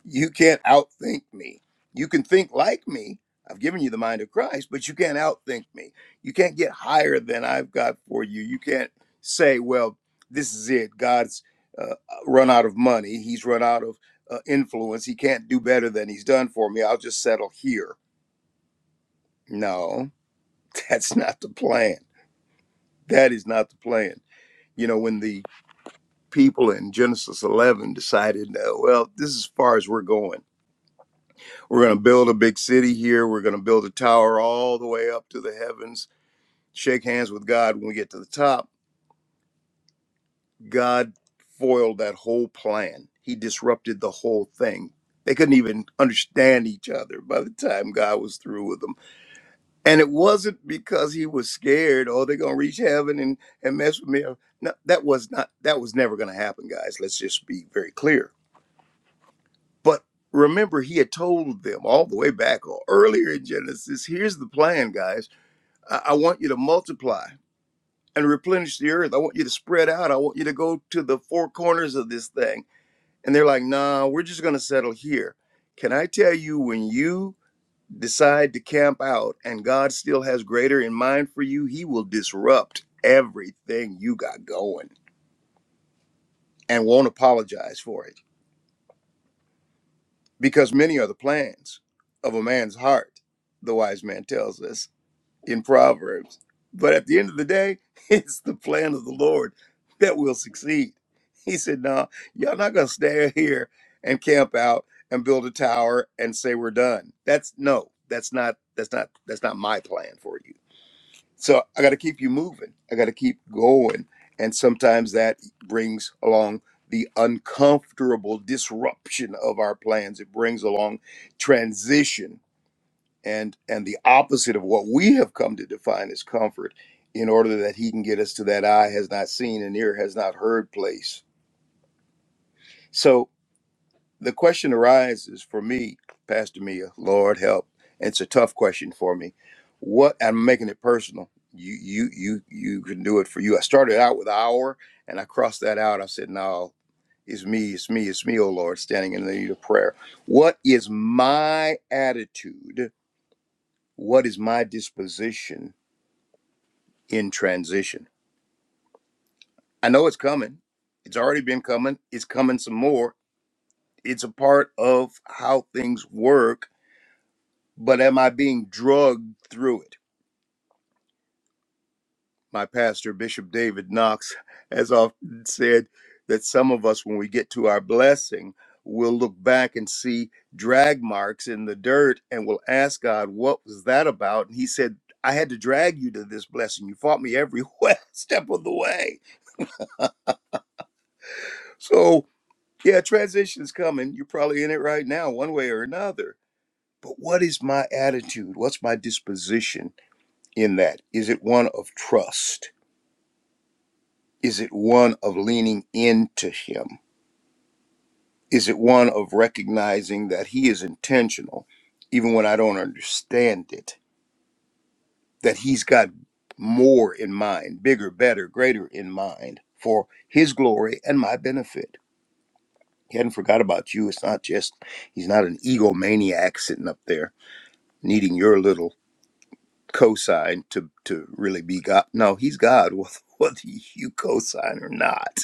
Speaker 3: you can't outthink me. You can think like me. I've given you the mind of Christ, but you can't outthink me. You can't get higher than I've got for you. You can't say, well, this is it. God's uh, run out of money. He's run out of uh, influence. He can't do better than he's done for me. I'll just settle here. No, that's not the plan. That is not the plan. You know, when the people in Genesis 11 decided, uh, well, this is as far as we're going. We're going to build a big city here. We're going to build a tower all the way up to the heavens, shake hands with God when we get to the top. God foiled that whole plan, He disrupted the whole thing. They couldn't even understand each other by the time God was through with them. And it wasn't because he was scared, oh, they're gonna reach heaven and, and mess with me. No, that was not that was never gonna happen, guys. Let's just be very clear But remember, he had told them all the way back or earlier in Genesis here's the plan, guys. I, I want you to multiply and replenish the earth. I want you to spread out. I want you to go to the four corners of this thing. And they're like, nah, we're just going to settle here. Can I tell you when you decide to camp out and God still has greater in mind for you, he will disrupt everything you got going and won't apologize for it because many are the plans of a man's heart, the wise man tells us in Proverbs. But at the end of the day, it's the plan of the Lord that will succeed. He said, No, y'all not going to stay here and camp out and build a tower and say we're done. That's no, that's not, that's not, that's not my plan for you. So I got to keep you moving. I got to keep going. And sometimes that brings along the uncomfortable disruption of our plans. It brings along transition and and the opposite of what we have come to define as comfort in order that he can get us to that eye has not seen and ear has not heard place. So the question arises for me, Pastor Mia, Lord help. It's a tough question for me. What I'm making it personal. You you you you can do it for you. I started out with hour and I crossed that out. I said, No, it's me, it's me, it's me, oh Lord, standing in the need of prayer. What is my attitude? What is my disposition in transition? I know it's coming. It's already been coming. It's coming some more. It's a part of how things work but am I being drugged through it? My pastor, Bishop David Knox, has often said that some of us, when we get to our blessing, will look back and see drag marks in the dirt and will ask God, What was that about? And he said, I had to drag you to this blessing. You fought me every step of the way. So, yeah, transition's coming. You're probably in it right now, one way or another. But what is my attitude? What's my disposition in that? Is it one of trust? Is it one of leaning into Him? Is it one of recognizing that He is intentional, even when I don't understand it? That He's got more in mind, bigger, better, greater in mind for His glory and my benefit. He hadn't forgot about you. It's not just, He's not an egomaniac sitting up there needing your little cosign to, to really be God. No, He's God, whether you cosign or not,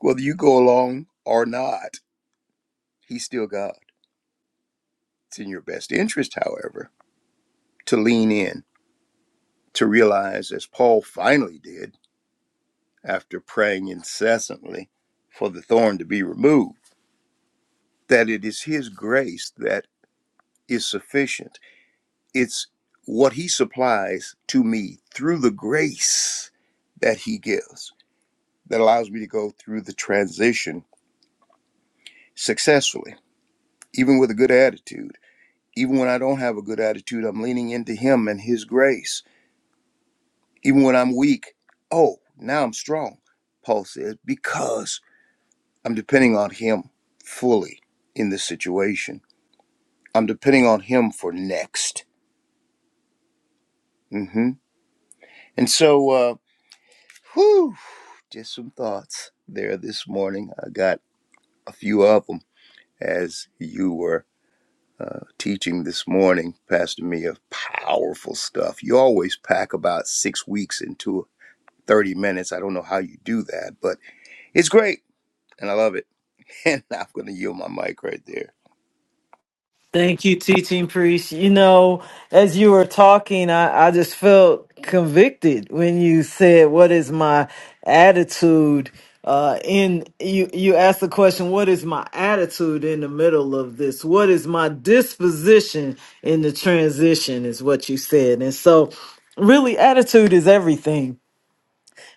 Speaker 3: whether you go along or not. He's still God. It's in your best interest, however, to lean in, to realize, as Paul finally did after praying incessantly for the thorn to be removed, that it is his grace that is sufficient. It's what he supplies to me through the grace that he gives that allows me to go through the transition successfully, even with a good attitude. Even when I don't have a good attitude, I'm leaning into him and his grace Even when I'm weak, oh, now I'm strong, Paul says, because I'm depending on him fully in this situation. I'm depending on him for next. hmm And so, uh, whew, just some thoughts there this morning. I got a few of them as you were uh, teaching this morning, Pastor Mia. Powerful stuff. You always pack about six weeks into 30 minutes. I don't know how you do that, but it's great and I love it. And I'm going to yield my mic right there.
Speaker 2: Thank you, teaching priest. You know, as you were talking, I, I just felt convicted when you said, "What is my attitude?" Uh, in you, you asked the question, "What is my attitude in the middle of this? What is my disposition in the transition?" Is what you said, and so really, attitude is everything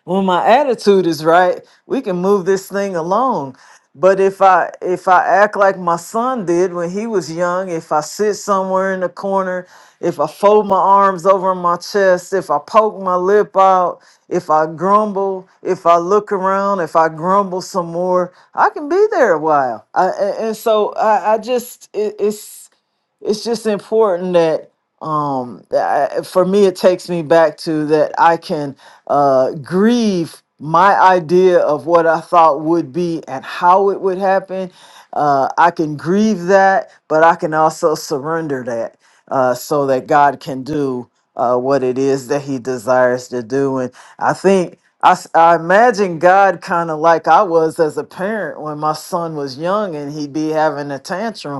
Speaker 2: when my attitude is right, we can move this thing along. But if I if I act like my son did when he was young, if I sit somewhere in the corner, if I fold my arms over my chest, if I poke my lip out, if I grumble, if I look around, if I grumble some more, I can be there a while. I, a- and so I, I just it, it's it's just important that um that I- for me it takes me back to that i can uh grieve my idea of what i thought would be and how it would happen uh i can grieve that but i can also surrender that uh so that god can do uh what it is that he desires to do and i think I, s- I imagine God kind of like I was as a parent when my son was young and he'd be having a tantrum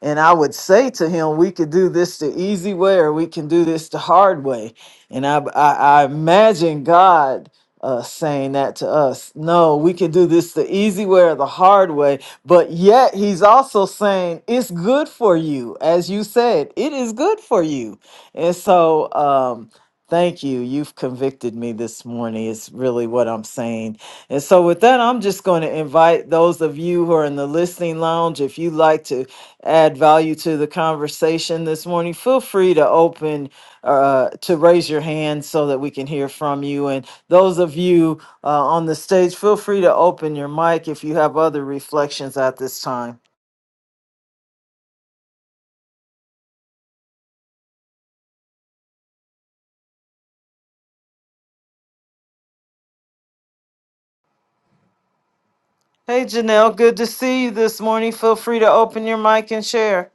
Speaker 2: and I would say to him, we could do this the easy way or we can do this the hard way. And I, I, I imagine God uh, saying that to us. No, we can do this the easy way or the hard way. But yet, he's also saying it's good for you. As you said, it is good for you. And so, um, thank you. You've convicted me this morning, is really what I'm saying. And so, with that, I'm just going to invite those of you who are in the listening lounge, if you'd like to add value to the conversation this morning, feel free to open uh, to raise your hand so that we can hear from you. And those of you uh, on the stage, feel free to open your mic if you have other reflections at this time. Hey, Janelle, good to see you this morning. Feel free to open your mic and share.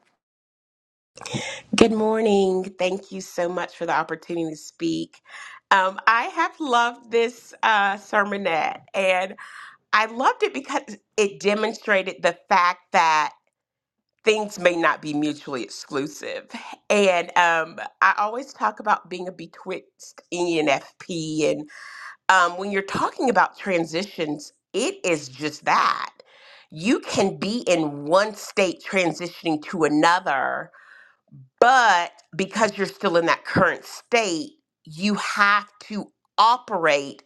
Speaker 4: Good morning. Thank you so much for the opportunity to speak. Um, I have loved this uh, sermonette, and I loved it because it demonstrated the fact that things may not be mutually exclusive. And um, I always talk about being a betwixt ENFP, and um, when you're talking about transitions, it is just that. You can be in one state transitioning to another but because you're still in that current state, you have to operate,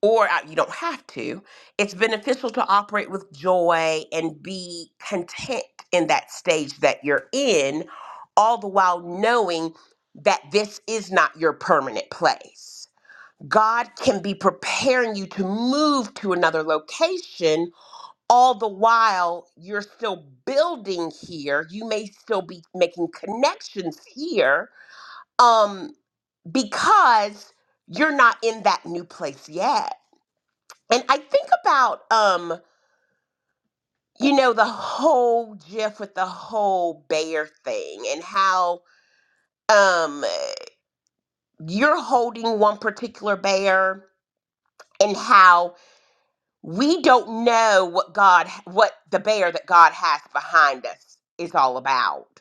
Speaker 4: or uh, you don't have to. It's beneficial to operate with joy and be content in that stage that you're in, all the while knowing that this is not your permanent place. God can be preparing you to move to another location all the while you're still building here you may still be making connections here um because you're not in that new place yet and i think about um you know the whole gif with the whole bear thing and how um you're holding one particular bear and how we don't know what god what the bear that god has behind us is all about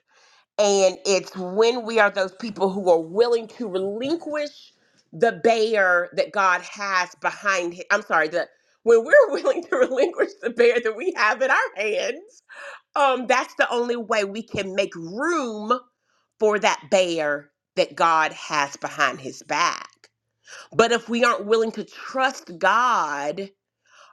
Speaker 4: And it's when we are those people who are willing to relinquish the bear that God has behind him. I'm sorry, the when we're willing to relinquish the bear that we have in our hands, um, that's the only way we can make room for that bear that God has behind his back. But if we aren't willing to trust God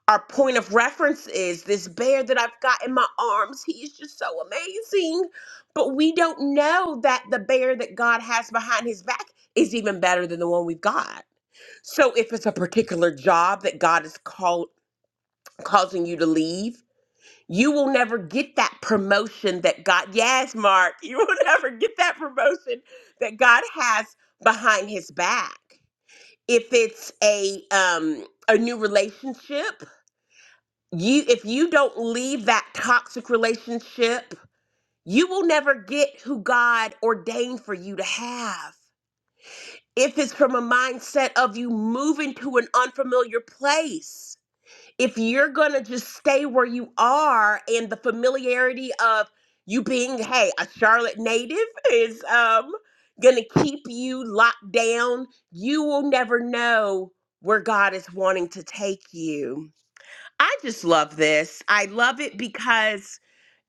Speaker 4: our point of reference is this bear that I've got in my arms. He is just so amazing. But we don't know that the bear that God has behind his back is even better than the one we've got. So if it's a particular job that God is called causing you to leave, you will never get that promotion that God Yes, Mark, you will never get that promotion that God has behind his back. If it's a um a new relationship, you if you don't leave that toxic relationship you will never get who god ordained for you to have if it's from a mindset of you moving to an unfamiliar place if you're gonna just stay where you are and the familiarity of you being hey a charlotte native is um gonna keep you locked down you will never know where god is wanting to take you I just love this. I love it because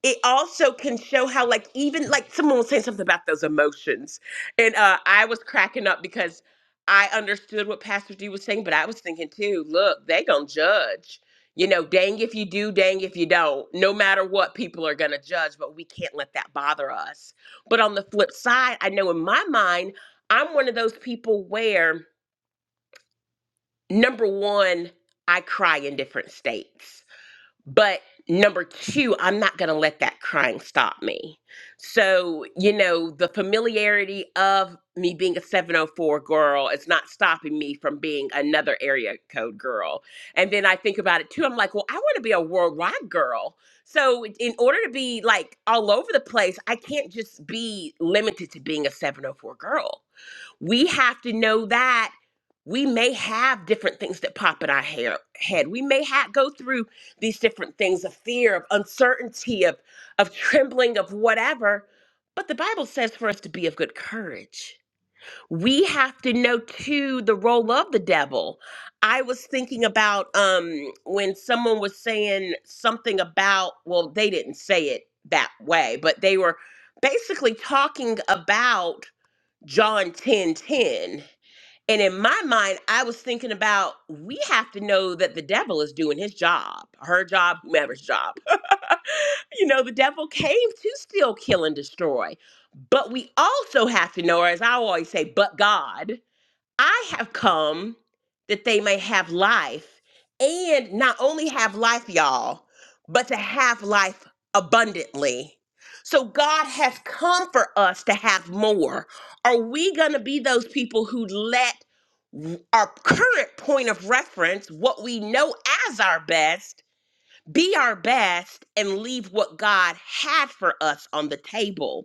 Speaker 4: it also can show how, like, even like someone was saying something about those emotions, and uh, I was cracking up because I understood what Pastor D was saying, but I was thinking too. Look, they gonna judge. You know, dang if you do, dang if you don't. No matter what, people are gonna judge, but we can't let that bother us. But on the flip side, I know in my mind, I'm one of those people where number one, I cry in different states but number two, I'm not going to let that crying stop me. So, you know, the familiarity of me being a 704 girl is not stopping me from being another area code girl. And then I think about it too. I'm like, well, I want to be a worldwide girl. So, in order to be like all over the place, I can't just be limited to being a 704 girl we have to know that we may have different things that pop in our hair, head. We may ha- go through these different things of fear, of uncertainty, of, of trembling, of whatever. But the Bible says for us to be of good courage. We have to know too the role of the devil. I was thinking about um, when someone was saying something about, well, they didn't say it that way, but they were basically talking about John 10 10, And in my mind, I was thinking about we have to know that the devil is doing his job, her job, whomever's job. You know, the devil came to steal, kill, and destroy. But we also have to know, or as I always say, but God. I have come that they may have life and not only have life, y'all, but to have life abundantly. So God has come for us to have more. Are we going to be those people who let w- our current point of reference, what we know as our best, be our best and leave what God had for us on the table?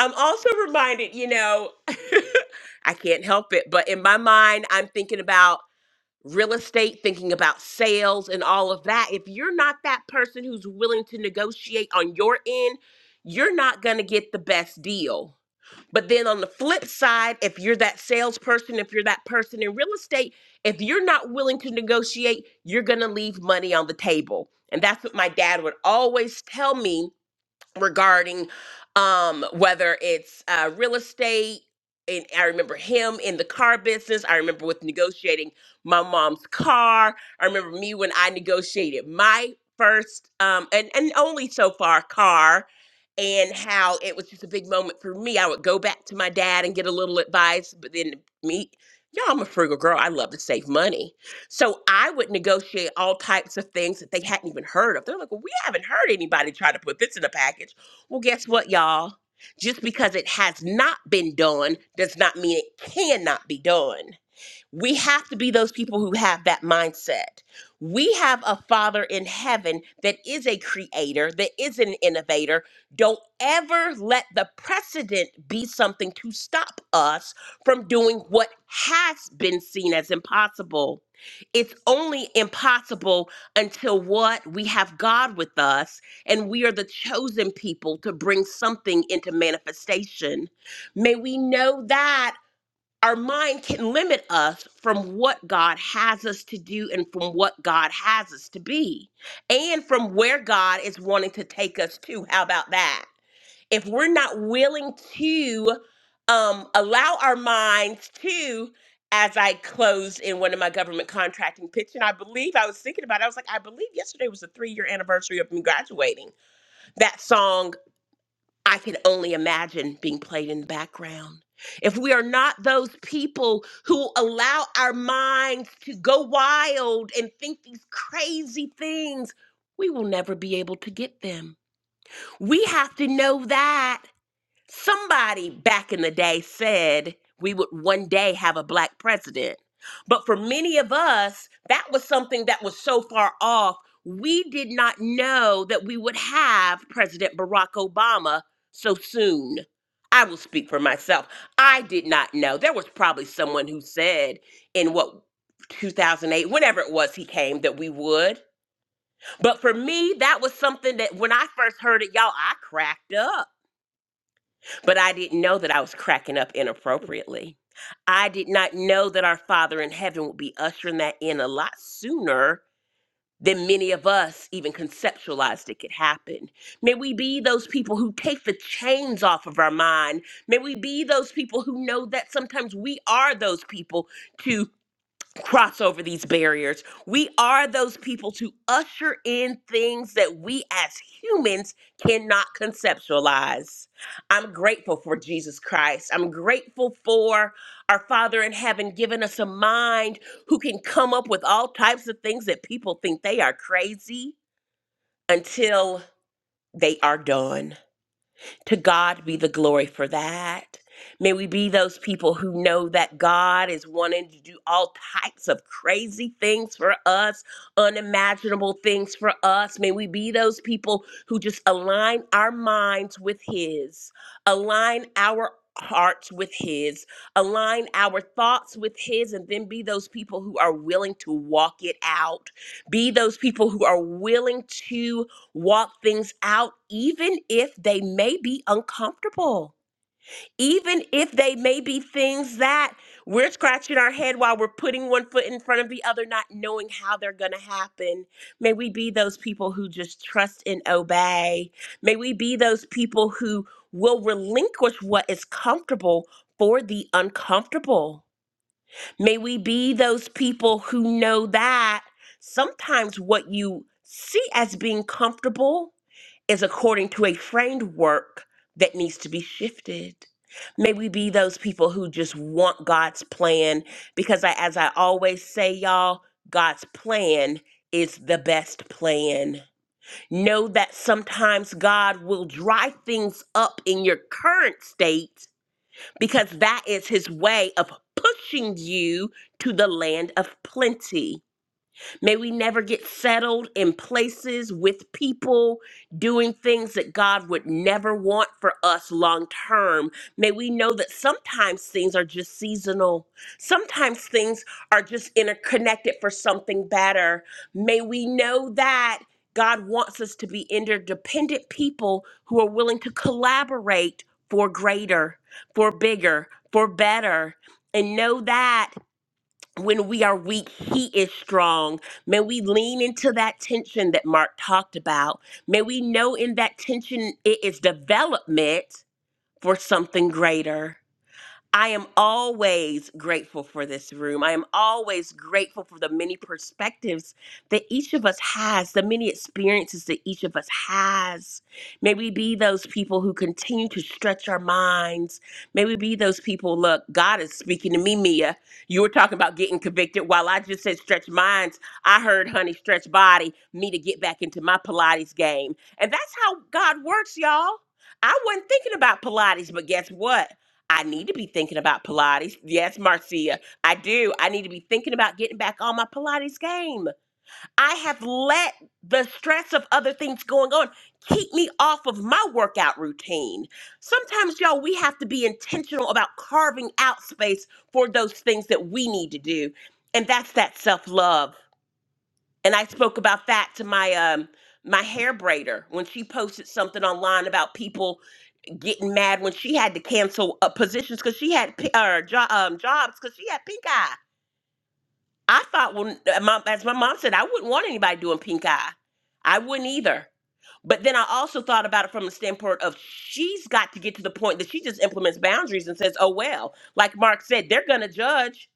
Speaker 4: I'm also reminded, you know, I can't help it. But in my mind, I'm thinking about real estate, thinking about sales and all of that. If you're not that person who's willing to negotiate on your end, you're not going to get the best deal. But then on the flip side, if you're that salesperson, if you're that person in real estate, if you're not willing to negotiate, you're going to leave money on the table. And that's what my dad would always tell me regarding um whether it's uh real estate and I remember him in the car business. I remember with negotiating my mom's car. I remember me when I negotiated my first um and and only so far car and how it was just a big moment for me. I would go back to my dad and get a little advice, but then me y'all I'm a frugal girl. I love to save money. So I would negotiate all types of things that they hadn't even heard of. They're like, well, we haven't heard anybody try to put this in a package. Well, guess what, y'all? Just because it has not been done does not mean it cannot be done. We have to be those people who have that mindset. We have a Father in heaven that is a creator, that is an innovator. Don't ever let the precedent be something to stop us from doing what has been seen as impossible. It's only impossible until what? We have God with us, and we are the chosen people to bring something into manifestation. May we know that our mind can limit us from what God has us to do and from what God has us to be and from where God is wanting to take us to. How about that? If we're not willing to um, allow our minds to, as I closed in one of my government contracting pitch, and I believe I was thinking about it, I was like, I believe yesterday was the three year anniversary of me graduating. That song I can only imagine being played in the background. If we are not those people who allow our minds to go wild and think these crazy things, we will never be able to get them. We have to know that. Somebody back in the day said we would one day have a black president. But for many of us, that was something that was so far off, we did not know that we would have President Barack Obama so soon. I will speak for myself. I did not know. There was probably someone who said in what 2008, whenever it was he came, that we would. But for me, that was something that when I first heard it, y'all, I cracked up. But I didn't know that I was cracking up inappropriately. I did not know that our Father in heaven would be ushering that in a lot sooner than many of us even conceptualized it could happen. May we be those people who take the chains off of our mind. May we be those people who know that sometimes we are those people to cross over these barriers. We are those people to usher in things that we as humans cannot conceptualize. I'm grateful for Jesus Christ. I'm grateful for our Father in heaven giving us a mind who can come up with all types of things that people think they are crazy until they are done. To God be the glory for that. May we be those people who know that God is wanting to do all types of crazy things for us, unimaginable things for us. May we be those people who just align our minds with His, align our hearts with His, align our thoughts with His, and then be those people who are willing to walk it out. Be those people who are willing to Walk things out, even if they may be uncomfortable, even if they may be things that we're scratching our head while we're putting one foot in front of the other, not knowing how they're going to happen. May we be those people who just trust and obey. May we be those people who will relinquish what is comfortable for the uncomfortable. May we be those people who know that sometimes what you see as being comfortable is according to a framework that needs to be shifted. May we be those people who just want God's plan because, I, as I always say, y'all, God's plan is the best plan. Know that sometimes God will dry things up in your current state because that is his way of pushing you to the land of plenty. May we never get settled in places with people doing things that God would never want for us long term. May we know that sometimes things are just seasonal, sometimes things are just interconnected for something better. May we know that. God wants us to be interdependent people who are willing to collaborate for greater, for bigger, for better. And know that when we are weak, he is strong. May we lean into that tension that Mark talked about. May we know in that tension it is development for something greater. I am always grateful for this room. I am always grateful for the many perspectives that each of us has, the many experiences that each of us has. May we be those people who continue to stretch our minds. May we be those people, look, God is speaking to me, Mia. You were talking about getting convicted. While I just said stretch minds, I heard, honey, stretch body, me to get back into my Pilates game. And that's how God works, y'all. I wasn't thinking about Pilates, but guess what? I need to be thinking about Pilates. Yes, Marcia, I do. I need to be thinking about getting back on my Pilates game. I have let the stress of other things going on keep me off of my workout routine. Sometimes, y'all, we have to be intentional about carving out space for those things that we need to do. And that's that self love. And I spoke about that to my, um, my hair braider when she posted something online about people getting mad when she had to cancel uh, positions because she had pi- or jo- um, jobs because she had pink eye. I thought when uh, mom, as my mom said, I wouldn't want anybody doing pink eye. I wouldn't either. But then I also thought about it from the standpoint of she's got to get to the point that she just implements boundaries and says, "Oh well," like Mark said, they're gonna judge.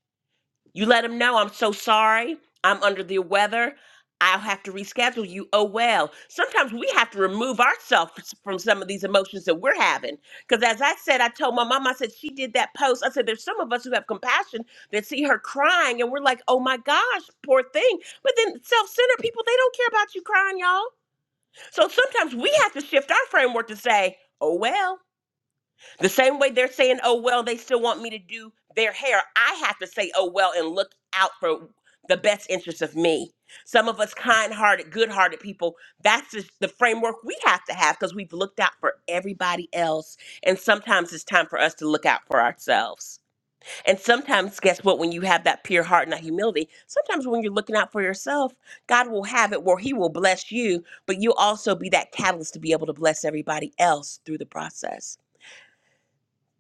Speaker 4: You let them know I'm so sorry. I'm under the weather. I'll have to reschedule you. Oh well. Sometimes we have to remove ourselves from some of these emotions that we're having. Because as I said, I told my mom, I said she did that post. I said there's some of us who have compassion that see her crying and we're like, oh my gosh, poor thing. But then self-centered people, they don't care about you crying, y'all. So sometimes we have to shift our framework to say, oh well. The same way they're saying, oh, well, they still want me to do their hair. I have to say, oh, well, and look out for the best interest of me. Some of us kind hearted, good hearted people, that's just the framework we have to have because we've looked out for everybody else. And sometimes it's time for us to look out for ourselves. And sometimes, guess what? When you have that pure heart and that humility, sometimes when you're looking out for yourself, God will have it where He will bless you, but you'll also be that catalyst to be able to bless everybody else through the process.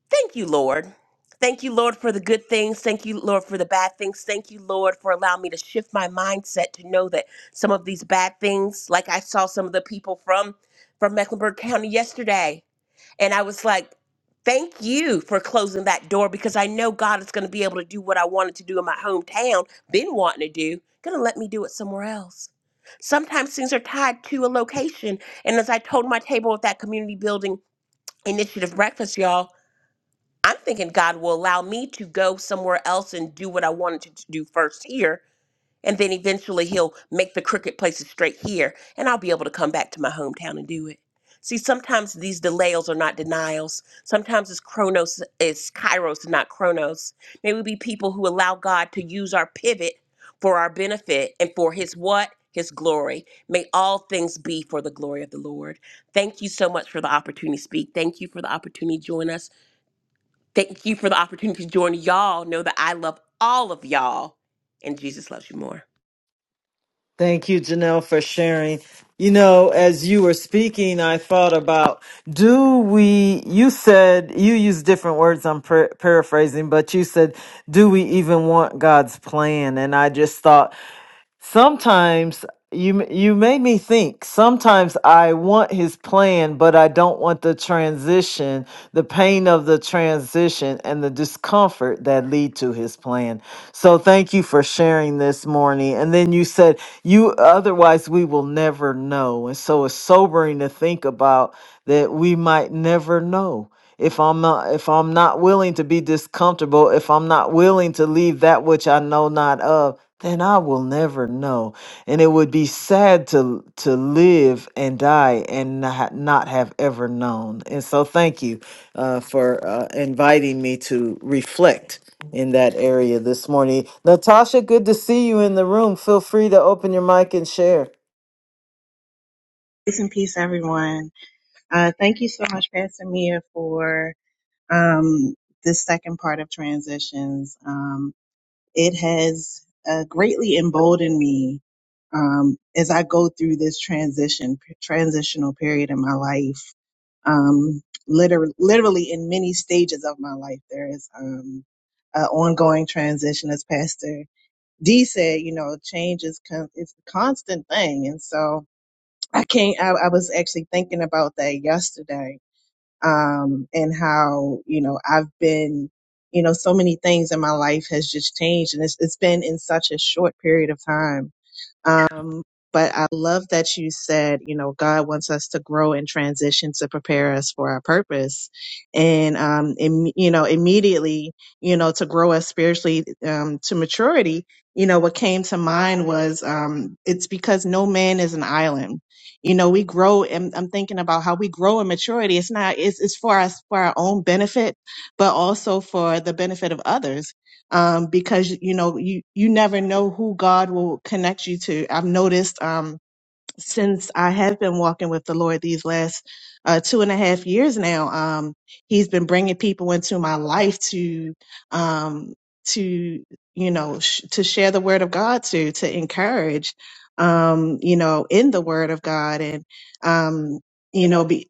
Speaker 4: Thank you, Lord. Thank you, Lord, for the good things. Thank you, Lord, for the bad things. Thank you, Lord, for allowing me to shift my mindset to know that some of these bad things, like I saw some of the people from from Mecklenburg County yesterday, and I was like, "Thank you for closing that door," because I know God is going to be able to do what I wanted to do in my hometown, been wanting to do, going to let me do it somewhere else. Sometimes things are tied to a location, and as I told my table at that community building initiative breakfast, y'all. I'm thinking God will allow me to go somewhere else and do what I wanted to do first here. And then eventually he'll make the crooked places straight here. And I'll be able to come back to my hometown and do it. See, sometimes these delays are not denials. Sometimes it's chronos, it's kairos, and not chronos. May we be people who allow God to use our pivot for our benefit and for his what? His glory. May all things be for the glory of the Lord. Thank you so much for the opportunity to speak. Thank you for the opportunity to join us. Thank you for the opportunity to join y'all. Know that I love all of y'all and Jesus loves you more.
Speaker 2: Thank you, Janelle, for sharing. You know, as you were speaking, I thought about do we, you said, you used different words, I'm par- paraphrasing, but you said, do we even want God's plan? And I just thought, Sometimes you you made me think. Sometimes I want his plan, but I don't want the transition, the pain of the transition and the discomfort that lead to his plan. So thank you for sharing this morning. And then you said you otherwise we will never know. And so it's sobering to think about that we might never know if I'm not if I'm not willing to be discomfortable, if I'm not willing to leave that which I know not of, then I will never know. And it would be sad to to live and die and not, not have ever known. And so thank you uh, for uh, inviting me to reflect in that area this morning. Natasha, good to see you in the room. Feel free to open your mic and share.
Speaker 5: Peace and peace, everyone. Uh, thank you so much, Pastor Mia, for um, this second part of transitions. Um, it has uh, greatly emboldened me um, as I go through this transition transitional period in my life. Um, literally, literally in many stages of my life, there is um, an ongoing transition. As Pastor D said, you know, change is con- it's a constant thing, and so. I can't. I, I was actually thinking about that yesterday, um, and how you know I've been, you know, so many things in my life has just changed, and it's it's been in such a short period of time. Um, but I love that you said, you know, God wants us to grow and transition to prepare us for our purpose. And, um, im- you know, immediately, you know, to grow us spiritually, um, to maturity, you know, what came to mind was, um, it's because no man is an island. You know, we grow and I'm thinking about how we grow in maturity. It's not, it's, it's for us, for our own benefit, but also for the benefit of others um, because you know you you never know who God will connect you to. I've noticed um, since I have been walking with the Lord these last uh, two and a half years now, um, He's been bringing people into my life to um, to you know sh- to share the Word of God to to encourage um, you know in the Word of God and um, you know be.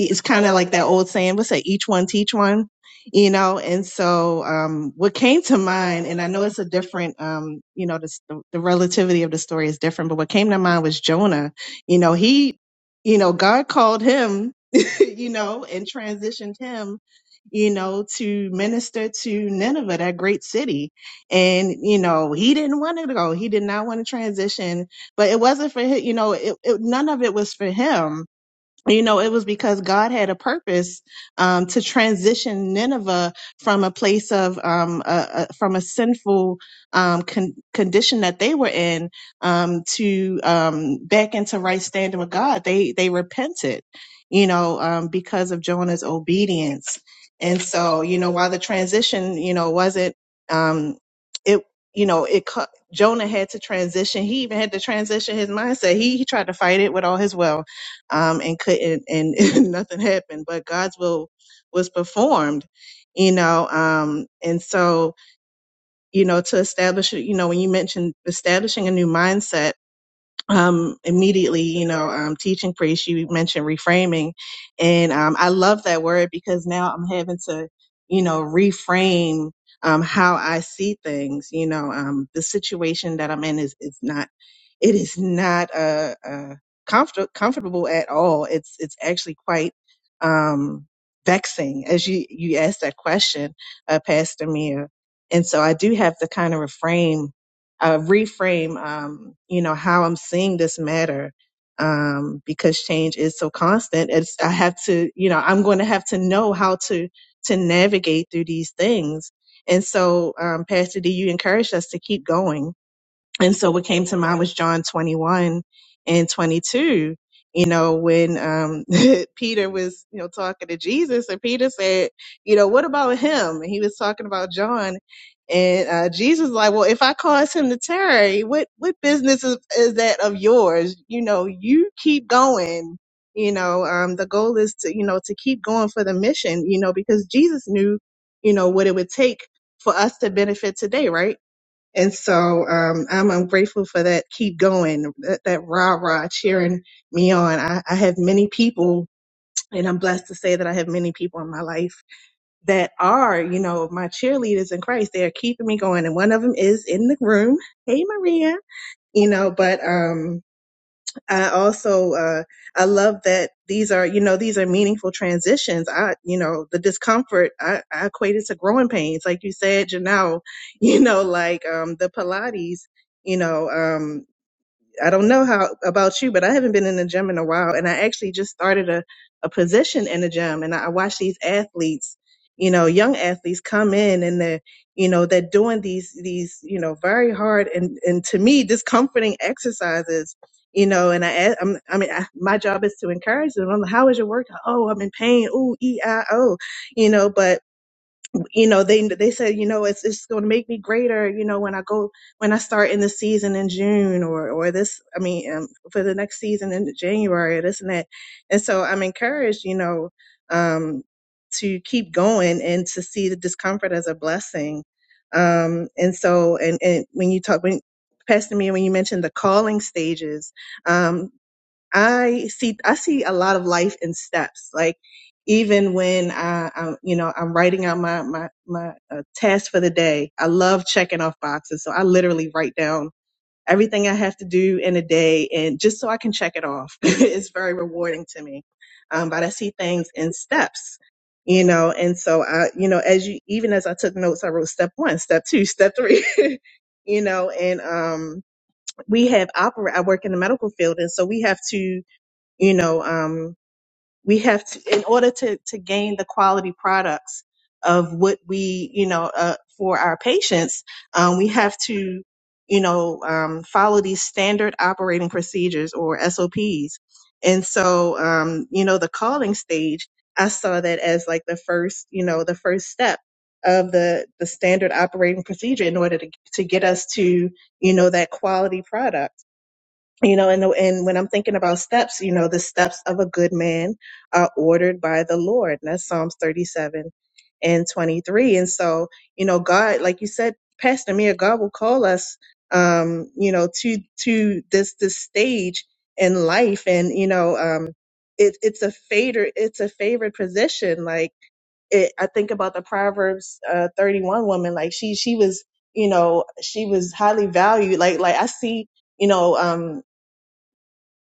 Speaker 5: It's kind of like that old saying, what's that? Each one teach one you know and so um what came to mind and i know it's a different um you know the, the relativity of the story is different but what came to mind was jonah you know he you know god called him you know and transitioned him you know to minister to nineveh that great city and you know he didn't want to go he did not want to transition but it wasn't for him you know it, it, none of it was for him you know it was because god had a purpose um, to transition nineveh from a place of um, a, a, from a sinful um, con- condition that they were in um, to um, back into right standing with god they they repented you know um, because of jonah's obedience and so you know while the transition you know wasn't um, it you know it cu- jonah had to transition he even had to transition his mindset he, he tried to fight it with all his will um, and couldn't, and, and nothing happened. But God's will was performed, you know. Um, and so, you know, to establish, you know, when you mentioned establishing a new mindset um, immediately, you know, um, teaching priest, you mentioned reframing. And um, I love that word because now I'm having to, you know, reframe um, how I see things. You know, um, the situation that I'm in is, is not, it is not uh, uh, comfort- comfortable at all. It's, it's actually quite um, vexing as you, you asked that question, uh, Pastor Mia. And so I do have to kind of reframe uh, reframe, um, you know, how I'm seeing this matter, um, because change is so constant. It's, I have to, you know, I'm going to have to know how to, to navigate through these things. And so, um, Pastor D, you encouraged us to keep going and so what came to mind was John 21 and 22, you know, when um, Peter was, you know, talking to Jesus and Peter said, you know, what about him? And he was talking about John. And uh, Jesus was like, well, if I cause him to tarry, what, what business is, is that of yours? You know, you keep going. You know, um, the goal is to, you know, to keep going for the mission, you know, because Jesus knew, you know, what it would take for us to benefit today, right? And so um, I'm, I'm grateful for that. Keep going, that, that rah rah cheering me on. I, I have many people, and I'm blessed to say that I have many people in my life that are, you know, my cheerleaders in Christ. They are keeping me going. And one of them is in the room. Hey, Maria. You know, but um, I also uh, I love that these are you know these are meaningful transitions. I you know the discomfort I, I equate it to growing pains, like you said, Janelle. You know, like um, the Pilates. You know. Um, I don't know how about you, but I haven't been in the gym in a while. And I actually just started a, a position in the gym and I watch these athletes, you know, young athletes come in and they're, you know, they're doing these, these, you know, very hard and, and to me, discomforting exercises, you know, and I, a- I'm, I mean, I, my job is to encourage them. I'm like, how is your workout? Oh, I'm in pain. Ooh, E-I-O, you know, but you know they they said you know it's it's going to make me greater you know when i go when i start in the season in june or or this i mean um, for the next season in january or this and that and so i'm encouraged you know um to keep going and to see the discomfort as a blessing um and so and and when you talk when Pastor Mia, when you mentioned the calling stages, um, I see I see a lot of life in steps. Like even when I, I'm, you know, I'm writing out my my my uh, task for the day. I love checking off boxes, so I literally write down everything I have to do in a day, and just so I can check it off. it's very rewarding to me. Um, but I see things in steps. You know, and so I, you know, as you, even as I took notes, I wrote step one, step two, step three, you know, and, um, we have opera, I work in the medical field. And so we have to, you know um, we have to in order to to gain the quality products of what we you know uh, for our patients um, we have to you know um, follow these standard operating procedures or sops and so um, you know the calling stage i saw that as like the first you know the first step of the the standard operating procedure in order to to get us to you know that quality product you know and and when i'm thinking about steps you know the steps of a good man are ordered by the lord and that's psalms 37 and 23 and so you know god like you said pastor Mia, god will call us um you know to to this this stage in life and you know um it, it's a fader it's a favorite position like it, i think about the proverbs uh 31 woman like she she was you know she was highly valued like like i see you know um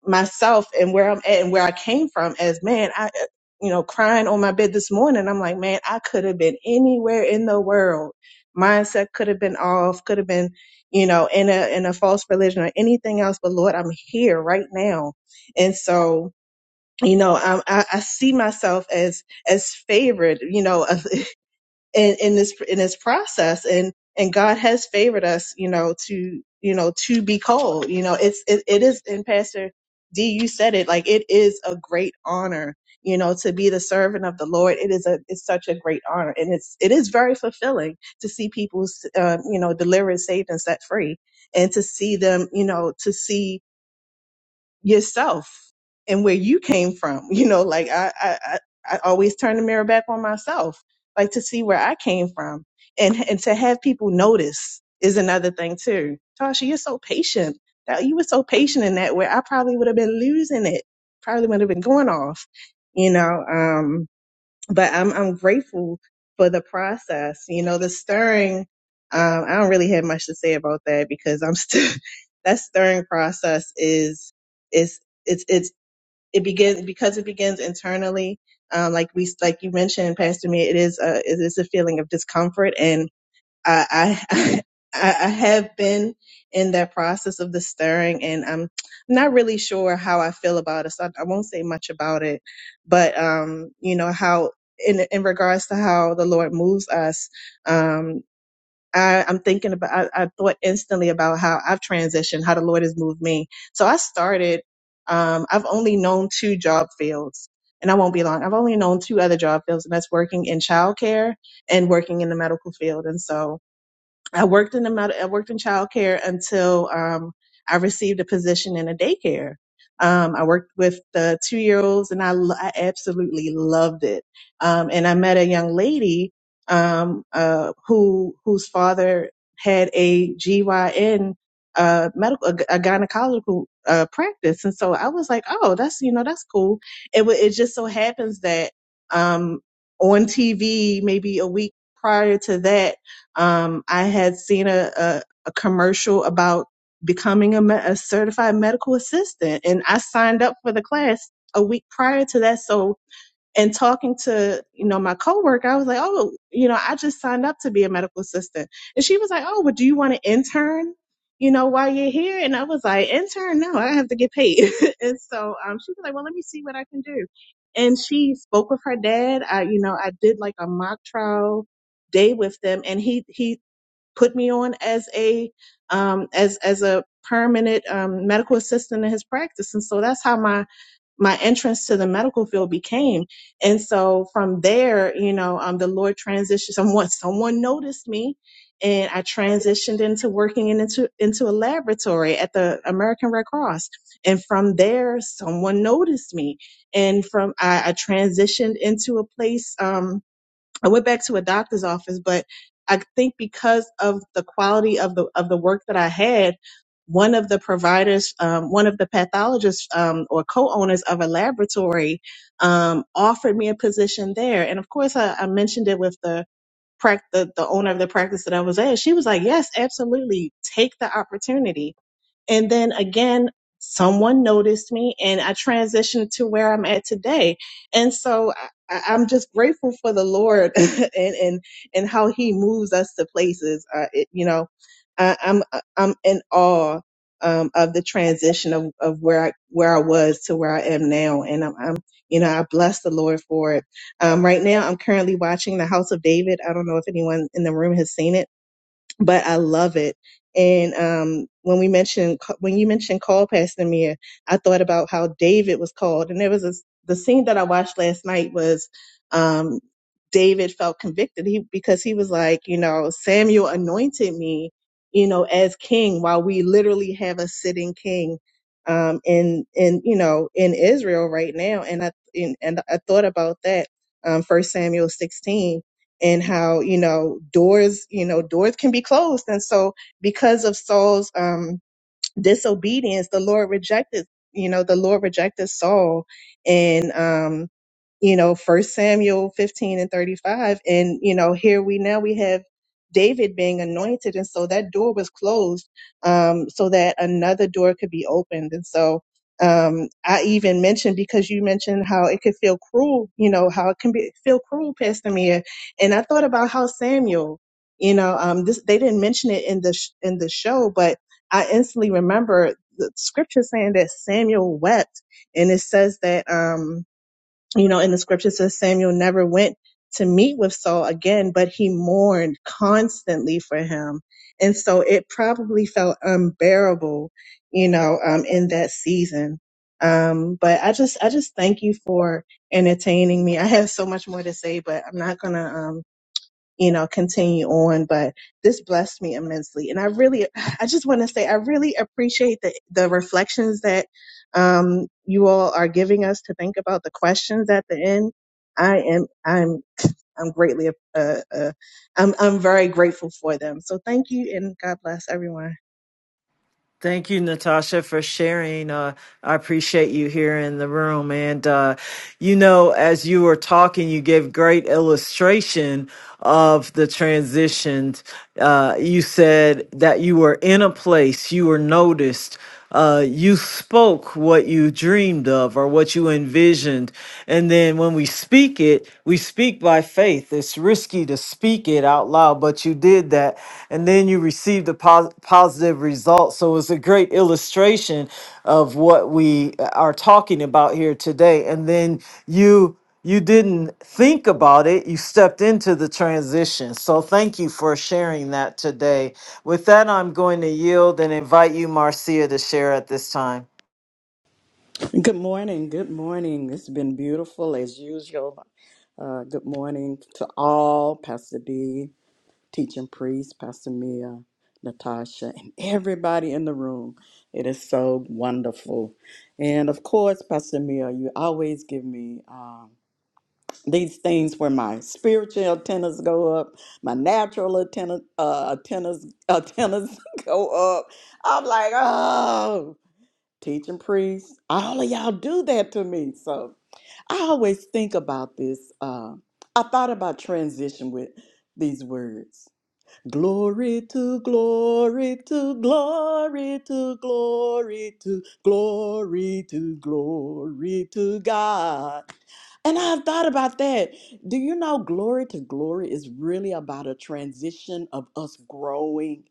Speaker 5: myself and where I'm at and where I came from as man, I uh, you know, crying on my bed this morning, I'm like, man, I could have been anywhere in the world. Mindset could have been off, could have been, you know, in a in a false religion or anything else, but Lord, I'm here right now. And so you know, I, I, I see myself as as favored. You know, in, in this in this process and and God has favored us you know to you know to be called you know it's it, it is and pastor D you said it like it is a great honor you know to be the servant of the Lord it is a it's such a great honor and it's it is very fulfilling to see people um, you know delivered saved and set free and to see them you know to see yourself and where you came from. You know, like I, I, I I always turn the mirror back on myself, like to see where I came from and, and to have people notice is another thing too. Tasha, you're so patient. That you were so patient in that where I probably would have been losing it. Probably would have been going off, you know, um, but I'm I'm grateful for the process. You know, the stirring. Um, I don't really have much to say about that because I'm still that stirring process is is it's it's it begins because it begins internally. Um, like we like you mentioned, Pastor Me, it is a it is a feeling of discomfort and. I, I I I have been in that process of the stirring, and I'm not really sure how I feel about it. So I, I won't say much about it, but um, you know how in in regards to how the Lord moves us, um. I, I'm thinking about. I, I thought instantly about how I've transitioned, how the Lord has moved me. So I started. Um, I've only known two job fields, and I won't be long. I've only known two other job fields, and that's working in childcare and working in the medical field. And so, I worked in the med- I worked in childcare until um, I received a position in a daycare. Um, I worked with the two year olds, and I, lo- I absolutely loved it. Um, and I met a young lady um, uh, who whose father had a GYN uh, medical a, a gynecological uh, practice, and so I was like, oh, that's you know that's cool. It wa- it just so happens that um, on TV maybe a week prior to that um, I had seen a, a, a commercial about becoming a, me- a certified medical assistant, and I signed up for the class a week prior to that. So and talking to you know my coworker, I was like, oh, you know, I just signed up to be a medical assistant, and she was like, oh, well, do you want to intern? You know, while you're here, and I was like, intern? No, I have to get paid. and so um, she was like, well, let me see what I can do. And she spoke with her dad. I, you know, I did like a mock trial day with them, and he he put me on as a um, as as a permanent um, medical assistant in his practice, and so that's how my my entrance to the medical field became. And so from there, you know, um, the Lord transitioned someone, someone noticed me and I transitioned into working in, into, into a laboratory at the American Red Cross. And from there, someone noticed me. And from, I, I transitioned into a place, um, I went back to a doctor's office, but I think because of the quality of the of the work that I had, one of the providers, um, one of the pathologists um, or co-owners of a laboratory, um, offered me a position there. And of course, I, I mentioned it with the, prac- the the owner of the practice that I was at. She was like, "Yes, absolutely, take the opportunity." And then again, someone noticed me and I transitioned to where I'm at today. And so I, I- I'm just grateful for the Lord and, and, and how he moves us to places. Uh, it, you know, I, I'm, uh, I'm in awe. Um, of the transition of, of where I, where I was to where I am now. And I'm, I'm, you know, I bless the Lord for it. Um, right now I'm currently watching The House of David. I don't know if anyone in the room has seen it but I love it. And um, when we mentioned when you mentioned call Pastor Mia, I thought about how David was called, and there was a, the scene that I watched last night was um, David felt convicted he, because he was like, you know, Samuel anointed me, you know, as king while we literally have a sitting king um, in in you know in Israel right now, and I and, and I thought about that um, First Samuel sixteen and how you know doors you know doors can be closed and so because of Saul's um disobedience the lord rejected you know the lord rejected saul and um you know first samuel 15 and 35 and you know here we now we have david being anointed and so that door was closed um so that another door could be opened and so um i even mentioned because you mentioned how it could feel cruel you know how it can be feel cruel pastor mia and i thought about how samuel you know um this they didn't mention it in the sh- in the show but I instantly remember the scripture saying that Samuel wept, and it says that um, you know, in the scripture it says Samuel never went to meet with Saul again, but he mourned constantly for him, and so it probably felt unbearable, you know, um, in that season. Um, but I just, I just thank you for entertaining me. I have so much more to say, but I'm not gonna. um, you know, continue on. But this blessed me immensely. And I really, I just want to say, I really appreciate the, the reflections that um, you all are giving us to think about the questions at the end. I am, I'm, I'm greatly, uh, uh, I'm, I'm very grateful for them. So thank you and God bless everyone.
Speaker 2: Thank you, Natasha, for sharing. Uh, I appreciate you here in the room. And, uh, you know, as you were talking, you gave great illustration of the transitions. Uh, you said that you were in a place, you were noticed, uh, you spoke what you dreamed of or what you envisioned. And then when we speak it, we speak by faith. It's risky to speak it out loud, but you did that. And then you received a pos- positive result. So it's a great illustration of what we are talking about here today. And then you you didn't think about it you stepped into the transition so thank you for sharing that today with that, I'm going to yield and invite you, Marcia, to share at this time.
Speaker 6: Good morning. Good morning. It's been beautiful as usual. Uh, good morning to all, Pastor D, teaching priest, Pastor Mia, Natasha, and everybody in the room. It is so wonderful. And of course, Pastor Mia, you always give me um, these things where my spiritual antennas go up, my natural antenna, uh, antennas, antennas go up. I'm like, oh teaching priests. All of y'all do that to me. So I always think about this. Uh, I thought about transition with these words. Glory to glory to glory to glory to glory to glory to God. And I've thought about that. Do you know glory to glory is really about a transition of us growing,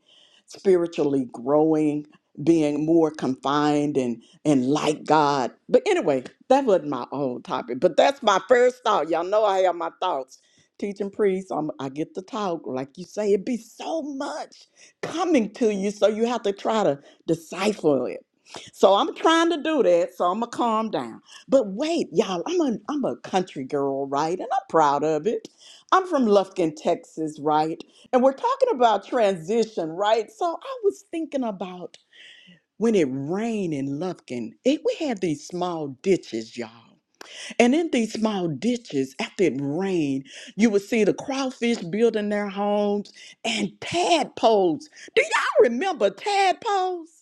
Speaker 6: spiritually growing, being more confined and and like God. But anyway, that wasn't my own topic, but that's my first thought. Y'all know I have my thoughts. Teaching priests, I'm, I get to talk. Like you say, it be so much coming to you, so you have to try to decipher it. So I'm trying to do that, so I'm going to calm down. But wait, y'all, I'm a I'm a country girl, right? And I'm proud of it. I'm from Lufkin, Texas, right? And we're talking about transition, right? So I was thinking about when it rained in Lufkin, it, we had these small ditches, y'all. And in these small ditches, after it rained, you would see the crawfish building their homes and tadpoles. Do y'all remember tadpoles?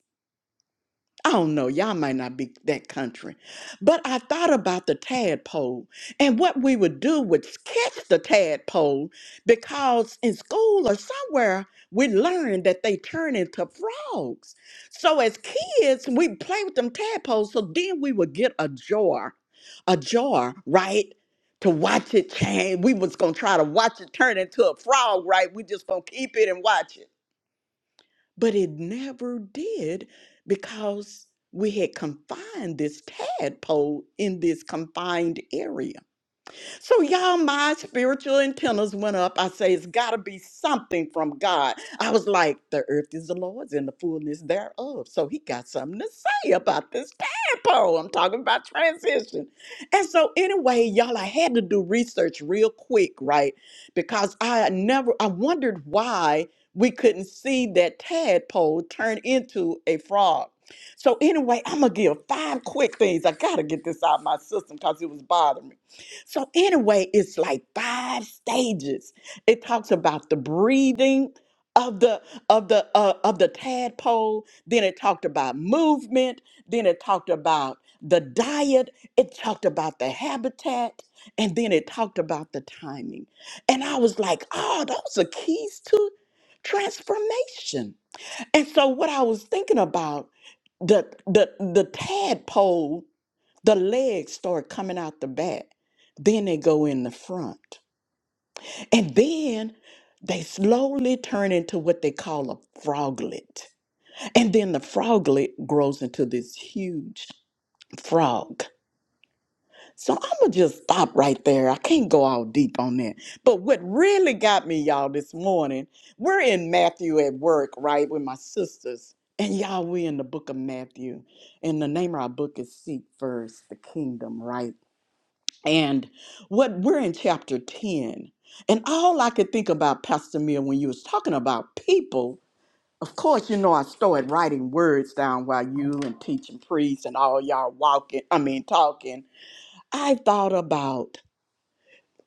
Speaker 6: I don't know, y'all might not be that country. But I thought about the tadpole and what we would do would catch the tadpole because in school or somewhere we learned that they turn into frogs. So as kids, we play with them tadpoles. So then we would get a jar, a jar, right? To watch it change. We was gonna try to watch it turn into a frog, right? We just gonna keep it and watch it. But it never did because we had confined this tadpole in this confined area. So, y'all, my spiritual antennas went up. I say, it's got to be something from God. I was like, the earth is the Lord's and the fullness thereof. So, he got something to say about this tadpole. I'm talking about transition. And so, anyway, y'all, I had to do research real quick, right? Because I never, I wondered why we couldn't see that tadpole turn into a frog. So, anyway, I'm going to give five quick things. I got to get this out of my system because it was bothering me. So, anyway, it's like five stages. It talks about the breathing of the of the uh, of the tadpole then it talked about movement then it talked about the diet it talked about the habitat and then it talked about the timing and i was like oh those are keys to transformation and so what i was thinking about the the the tadpole the legs start coming out the back. Then they go in the front. And then they slowly turn into what they call a froglet. And then the froglet grows into this huge frog. So I'm going to just stop right there. I can't go all deep on that. But what really got me, y'all, this morning, we're in Matthew at work, right, with my sisters. And y'all, we in the book of Matthew. And the name of our book is Seek First the Kingdom, right? And what we're in chapter 10. And all I could think about, Pastor Mill, when you was talking about people, of course, you know, I started writing words down while you and teaching priests and all y'all walking, I mean, talking. I thought about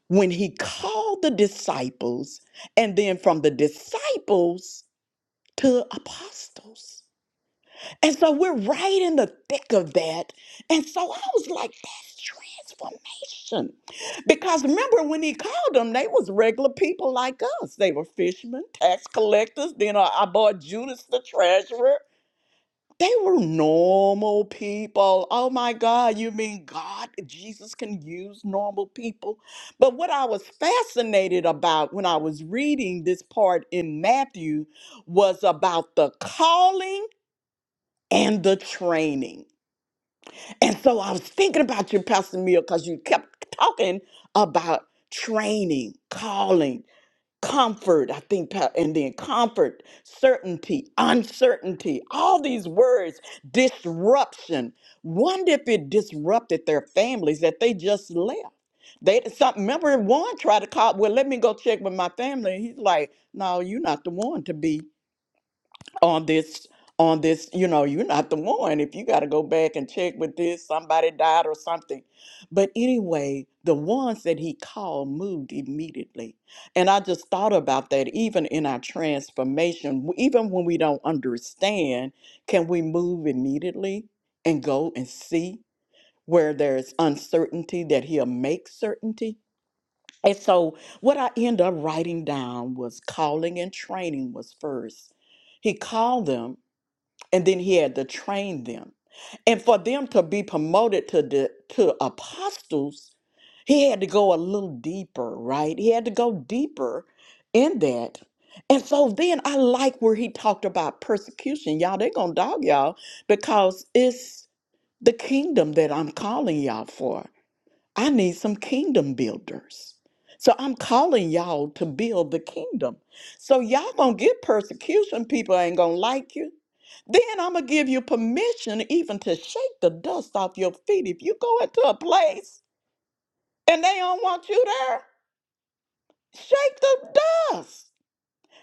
Speaker 6: when he called the disciples and then from the disciples to apostles. And so we're right in the thick of that. And so I was like, that's transformation. Because remember when he called them, they was regular people like us. They were fishermen, tax collectors. Then I, I bought Judas the treasurer. They were normal people. Oh my God, you mean God, Jesus can use normal people? But what I was fascinated about when I was reading this part in Matthew was about the calling and the training. And so I was thinking about you, Pastor Mill, because you kept talking about training, calling, comfort, I think, Pa- and then comfort, certainty, uncertainty, all these words, disruption. Wonder if it disrupted their families that they just left. They something remember one tried to call, well, let me go check with my family. He's like, No, you're not the one to be on this on this you know you're not the one if you got to go back and check with this somebody died or something but anyway the ones that he called moved immediately and i just thought about that even in our transformation w- even when we don't understand can we move immediately and go and see where there's uncertainty that he'll make certainty and so what i end up writing down was calling and training was first he called them and then he had to train them. And for them to be promoted to the to apostles, he had to go a little deeper, right? He had to go deeper in that. And so then I like where he talked about persecution. Y'all, they are gonna dog y'all because it's the kingdom that I'm calling y'all for. I need some kingdom builders. So I'm calling y'all to build the kingdom. So y'all gonna get persecution. People ain't gonna like you. Then I'm gonna give you permission even to shake the dust off your feet. If you go into a place and they don't want you there, shake the dust.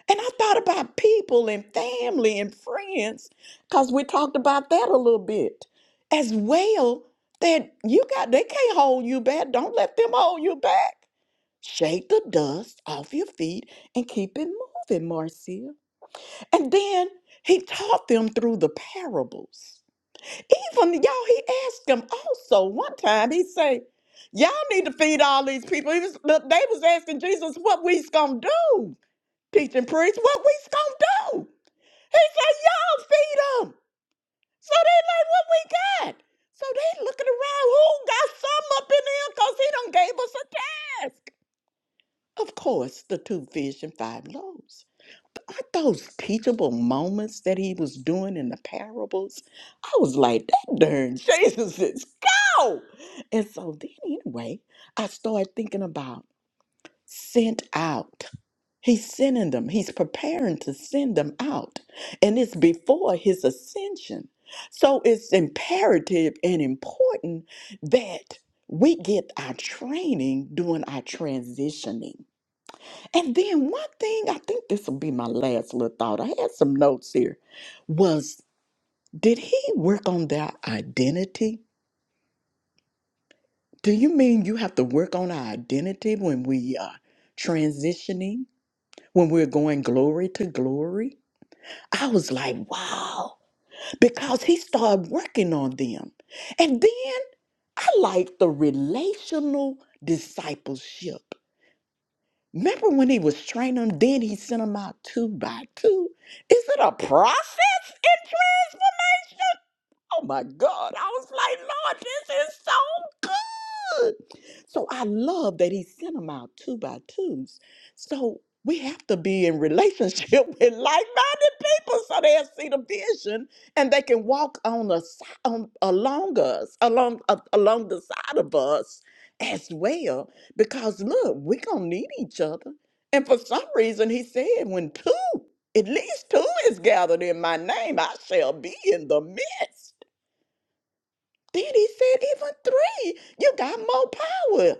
Speaker 6: And I thought about people and family and friends, because we talked about that a little bit. As well, that you got they can't hold you back. Don't let them hold you back. Shake the dust off your feet and keep it moving, Marcia. And then he taught them through the parables. Even y'all, he asked them also one time, he say, Y'all need to feed all these people. He was, look, they was asking Jesus what we's gonna do. teaching priests? what we's gonna do. He said, Y'all feed them. So they like what we got. So they looking around, who got some up in there? Cause he done gave us a task. Of course, the two fish and five loaves. But aren't those teachable moments that he was doing in the parables? I was like, that darn Jesus is go. And so then anyway, I started thinking about sent out. He's sending them. He's preparing to send them out. And it's before his ascension. So it's imperative and important that we get our training during our transitioning and then one thing, I think this will be my last little thought. I had some notes here. Was did he work on their identity? Do you mean you have to work on our identity when we are transitioning, when we're going glory to glory? I was like, wow, because he started working on them. And then I like the relational discipleship. Remember when he was training them, then he sent them out two by two? Is it a process in transformation? Oh my God. I was like, Lord, this is so good. So I love that he sent them out two by twos. So we have to be in relationship with like-minded people so they'll see the vision and they can walk on the si- on along us, along uh, along the side of us as well. Because look, we gonna need each other. And for some reason, he said, when two, at least two is gathered in my name, I shall be in the midst. Then he said, even three, you got more power.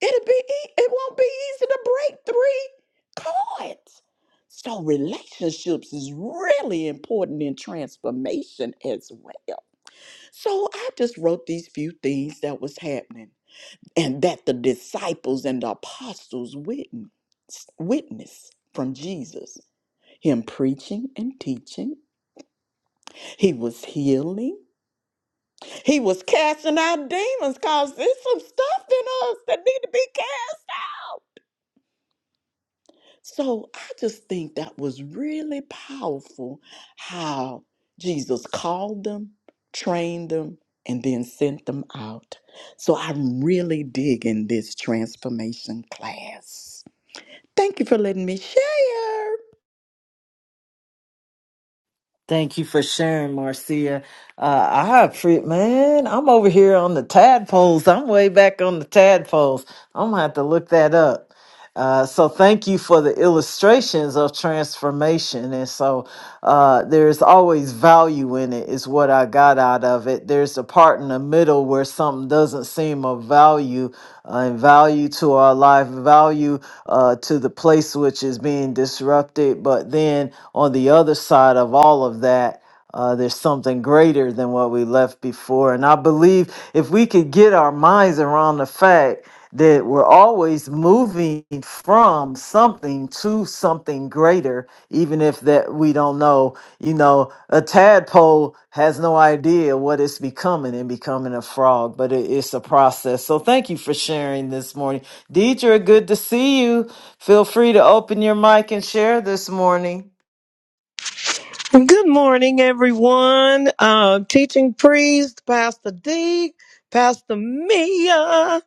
Speaker 6: It'll be ea- it won't be easy to break three cards. So relationships is really important in transformation as well. So I just wrote these few things that was happening and that the disciples and the apostles witnessed witness from Jesus. Him preaching and teaching. He was healing. He was casting out demons because there's some stuff in us that need to be cast out. So I just think that was really powerful how Jesus called them, trained them, and then sent them out. So I'm really digging this transformation class. Thank you for letting me share.
Speaker 2: Thank you for sharing, Marcia. Uh, I appreciate, man. I'm over here on the tadpoles. I'm way back on the tadpoles. I'm gonna have to look that up. Uh, so thank you for the illustrations of transformation. And so uh, there's always value in it, is what I got out of it. There's the part in the middle where something doesn't seem of value, uh, and value to our life, value uh, to the place which is being disrupted. But then on the other side of all of that, uh, there's something greater than what we left before. And I believe if we could get our minds around the fact that we're always moving from something to something greater, even if that we don't know, you know, a tadpole has no idea what it's becoming and becoming a frog, but it, it's a process. So thank you for sharing this morning. Deidre, good to see you. Feel free to open your mic and share this morning.
Speaker 7: Good morning, everyone. Uh, teaching priest, Pastor D, Pastor Mia.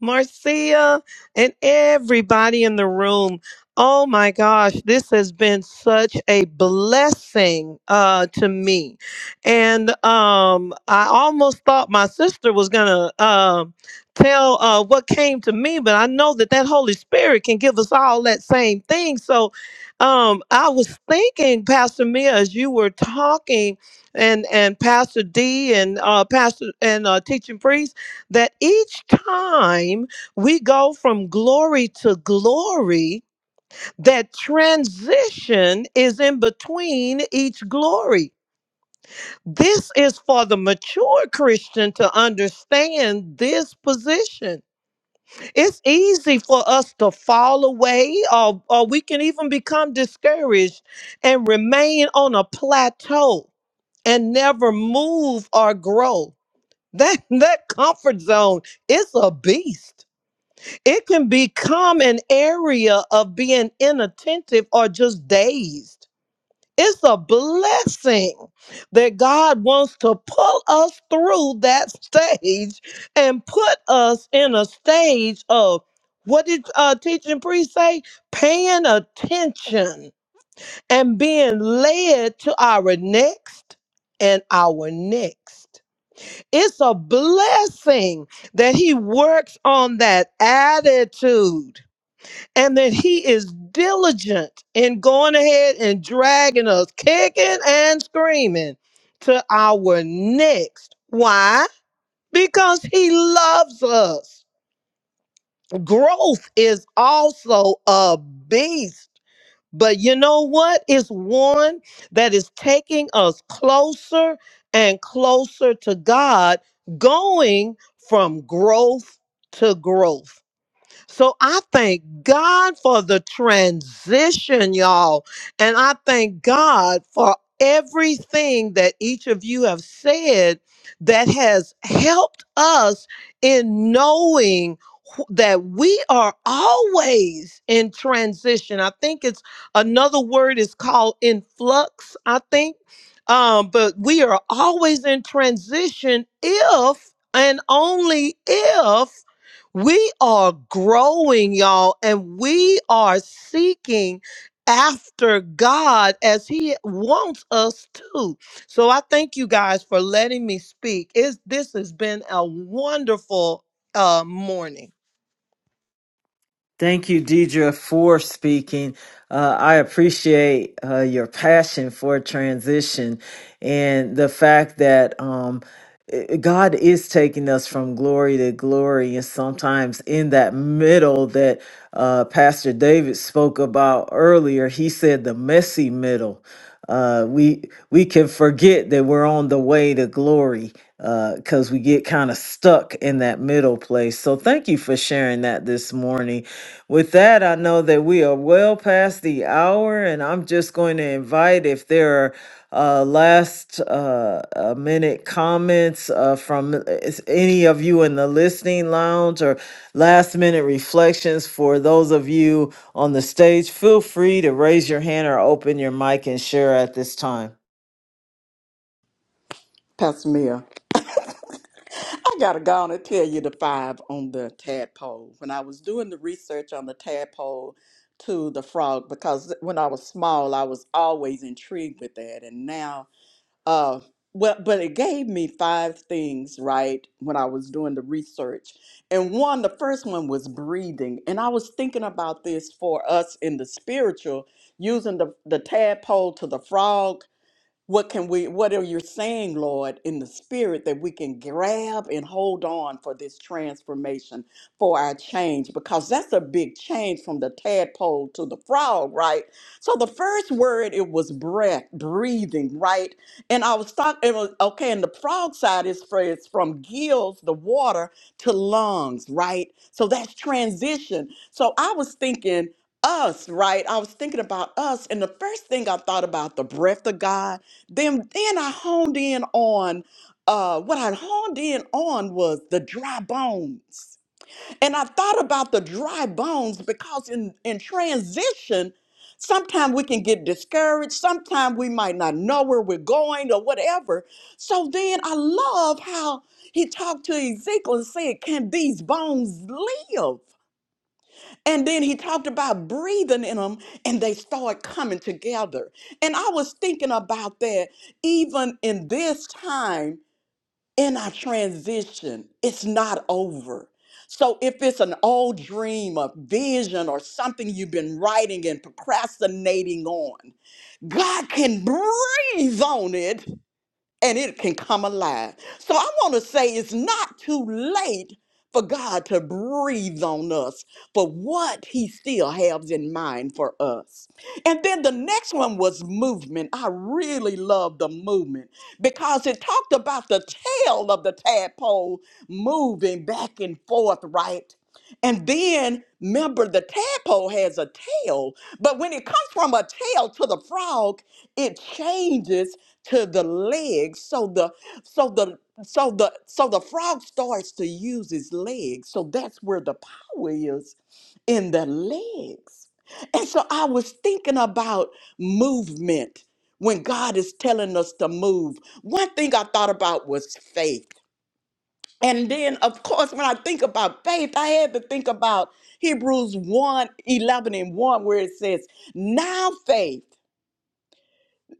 Speaker 7: Marcia, and everybody in the room. Oh my gosh, this has been such a blessing uh, to me. And um, I almost thought my sister was going to um tell uh, what came to me, but I know that that Holy Spirit can give us all that same thing. So um, I was thinking, Pastor Mia, as you were talking, and, and Pastor D and uh, Pastor and uh, teaching priest that each time we go from glory to glory, that transition is in between each glory. This is for the mature Christian to understand this position. It's easy for us to fall away, or, or we can even become discouraged and remain on a plateau and never move or grow. That, that comfort zone is a beast It can become an area of being inattentive or just dazed. It's a blessing that God wants to pull us through that stage and put us in a stage of what did uh, teaching priest say? Paying attention and being led to our next and our next. It's a blessing that he works on that attitude and that he is diligent in going ahead and dragging us kicking and screaming to our next. Why? Because he loves us. Growth is also a beast. But you know what? It's one that is taking us closer and closer to God, going from growth to growth. So I thank God for the transition, y'all. And I thank God for everything that each of you have said that has helped us in knowing wh- that we are always in transition. I think it's another word is called influx, I think. Um, but we are always in transition if and only if we are growing, y'all, and we are seeking after God as He wants us to. So I thank you guys for letting me speak. It's, this has been a wonderful uh, morning.
Speaker 2: Thank you, Deidre, for speaking. Uh, I appreciate uh, your passion for transition and the fact that um, i- God is taking us from glory to glory. And sometimes in that middle that uh, Pastor David spoke about earlier, he said the messy middle. Uh, we we can forget that we're on the way to glory because we get kind of stuck in that middle place. So thank you for sharing that this morning with that, I know that we are well past the hour, and I'm just going to invite if there are uh, last uh, uh, minute comments uh, from uh, is any of you in the listening lounge or last minute reflections for those of you on the stage, feel free to raise your hand or open your mic and share at this time.
Speaker 6: Pastor Mia, I gotta go on and tell you the five on the tadpole. When I was doing the research on the tadpole to the frog, because when I was small, I was always intrigued with that. And now Uh, well, but it gave me five things, right, when I was doing the research. And one, the first one was breathing. And I was thinking about this for us in the spiritual, using the, the tadpole to the frog. What can we, what are you saying, Lord, in the spirit that we can grab and hold on for this transformation, for our change? Because that's a big change from the tadpole to the frog, right? So the first word, it was breath, breathing, right? And I was talking, it was, okay, and the frog side is for, it's from gills, the water, to lungs, right? So that's transition. So I was thinking, us, right? I was thinking about us, and the first thing I thought about the breath of God then, then I honed in on uh, what I honed in on was the dry bones. And I thought about the dry bones because in, in transition, sometimes we can get discouraged. Sometimes we might not know where we're going or whatever. So then I love how he talked to Ezekiel and said, Can these bones live? And then he talked about breathing in them and they started coming together. And I was thinking about that even in this time in our transition, it's not over. So if it's an old dream or vision or something you've been writing and procrastinating on, God can breathe on it and it can come alive. So I want to say it's not too late for God to breathe on us for what he still has in mind for us. And then the next one was movement. I really love the movement because it talked about the tail of the tadpole moving back and forth, right? And then remember, the tadpole has a tail, but when it comes from a tail to the frog, it changes to the legs. So the so the so the so the frog starts to use his legs. So that's where the power is in the legs. And so I was thinking about movement when God is telling us to move. One thing I thought about was faith and then, of course, when I think about faith, I had to think about Hebrews one 11 and 1, where it says, Now faith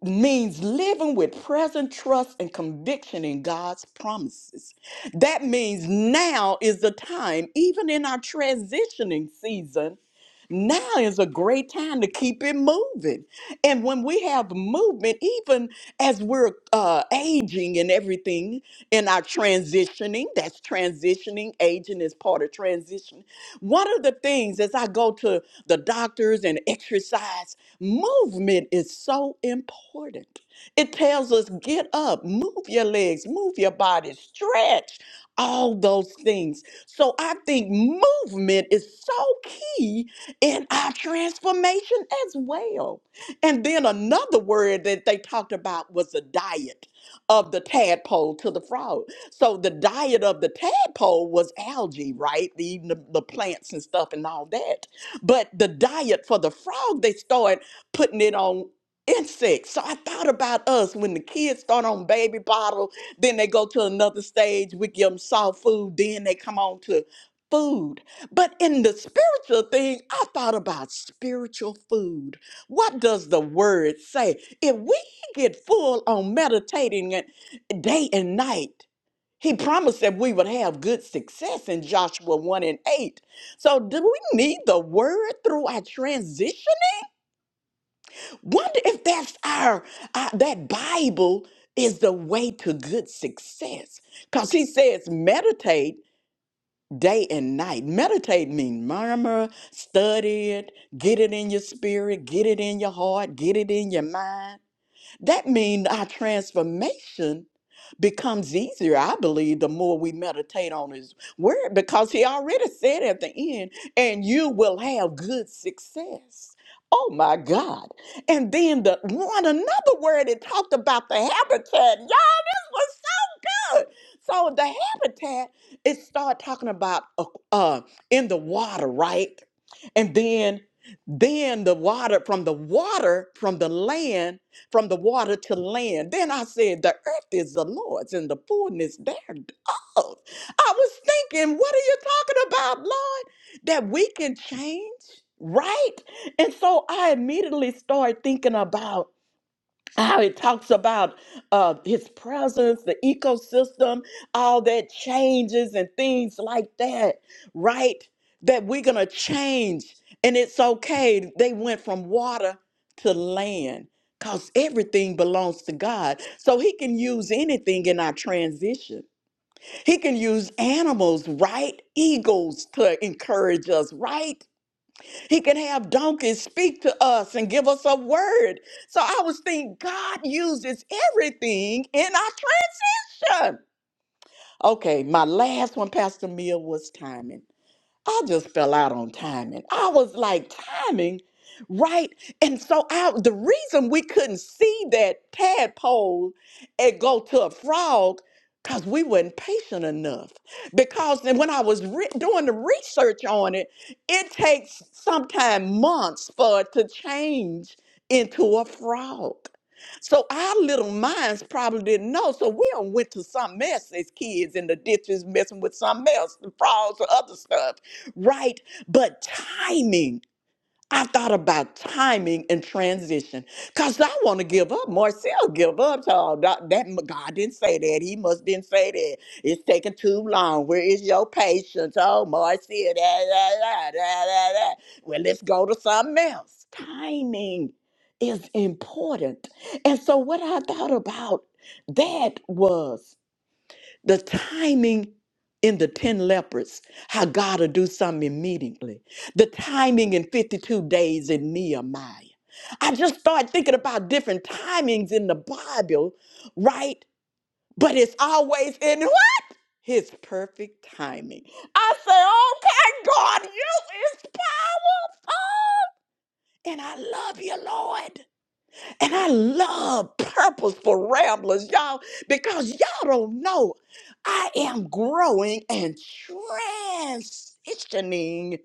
Speaker 6: means living with present trust and conviction in God's promises. That means now is the time, even in our transitioning season, now is a great time to keep it moving. And when we have movement, even as we're uh, aging and everything in our transitioning, that's transitioning, aging is part of transition. One of the things as I go to the doctors and exercise, Movement is so important. It tells us get up, move your legs, move your body, stretch, all those things. So I think movement is so key in our transformation as well. And then another word that they talked about was the diet of the tadpole to the frog. So the diet of the tadpole was algae, right? Eating the, the plants and stuff and all that. But the diet for the frog, they started putting it on insects. So I thought about us when the kids start on baby bottle, then they go to another stage, we give them soft food, then they come on to food. But in the spiritual thing, I thought about spiritual food. What does the word say? If we get full on meditating it day and night, he promised that we would have good success in Joshua 1 and 8. So, do we need the word through our transition? Wonder if that's our, our that Bible is the way to good success. Because he says meditate day and night. Meditate means murmur, study it, get it in your spirit, get it in your heart, get it in your mind. That means our transformation becomes easier, I believe, the more we meditate on his word, because he already said at the end, and you will have good success. Oh my God. And then the one another word it talked about the habitat. Y'all was good. So the habitat, it started talking about uh, uh, in the water, right? And then then the water from the water from the land from the water to land then i said the earth is the lord's and the fullness thereof i was thinking what are you talking about lord that we can change right and so i immediately started thinking about how it talks about uh, his presence, the ecosystem, all that changes and things like that, right? That we're going to change. And it's okay. They went from water to land because everything belongs to God. So he can use anything in our transition. He can use animals, right? Eagles to encourage us, right? He can have donkeys speak to us and give us a word. So I was thinking, God uses everything in our transition. Okay, my last one, Pastor Mia, was timing. I just fell out on timing. I was like, timing, right? And so I, the reason we couldn't see that tadpole and go to a frog, because we weren't patient enough. Because then when I was re- doing the research on it, it takes sometimes months for it to change into a frog. So our little minds probably didn't know. So we done went to something else as kids in the ditches messing with something else, the frogs or other stuff right? But timing, I thought about timing and transition because I want to give up. Marcel give up. So that, that God didn't say that. He must didn't say that. It's taking too long. Where is your patience? Oh, Marcel. Da, da, da, da, da, da. Well, let's go to something else. Timing is important. And so what I thought about that was the timing in the 10 lepers, how God will do something immediately. The timing in 52 days in Nehemiah. I just started thinking about different timings in the Bible, right? But it's always in what? His perfect timing. I say, okay, God, you is powerful. And I love you, Lord. And I love purposeful ramblers, y'all, because y'all don't know I am growing and transitioning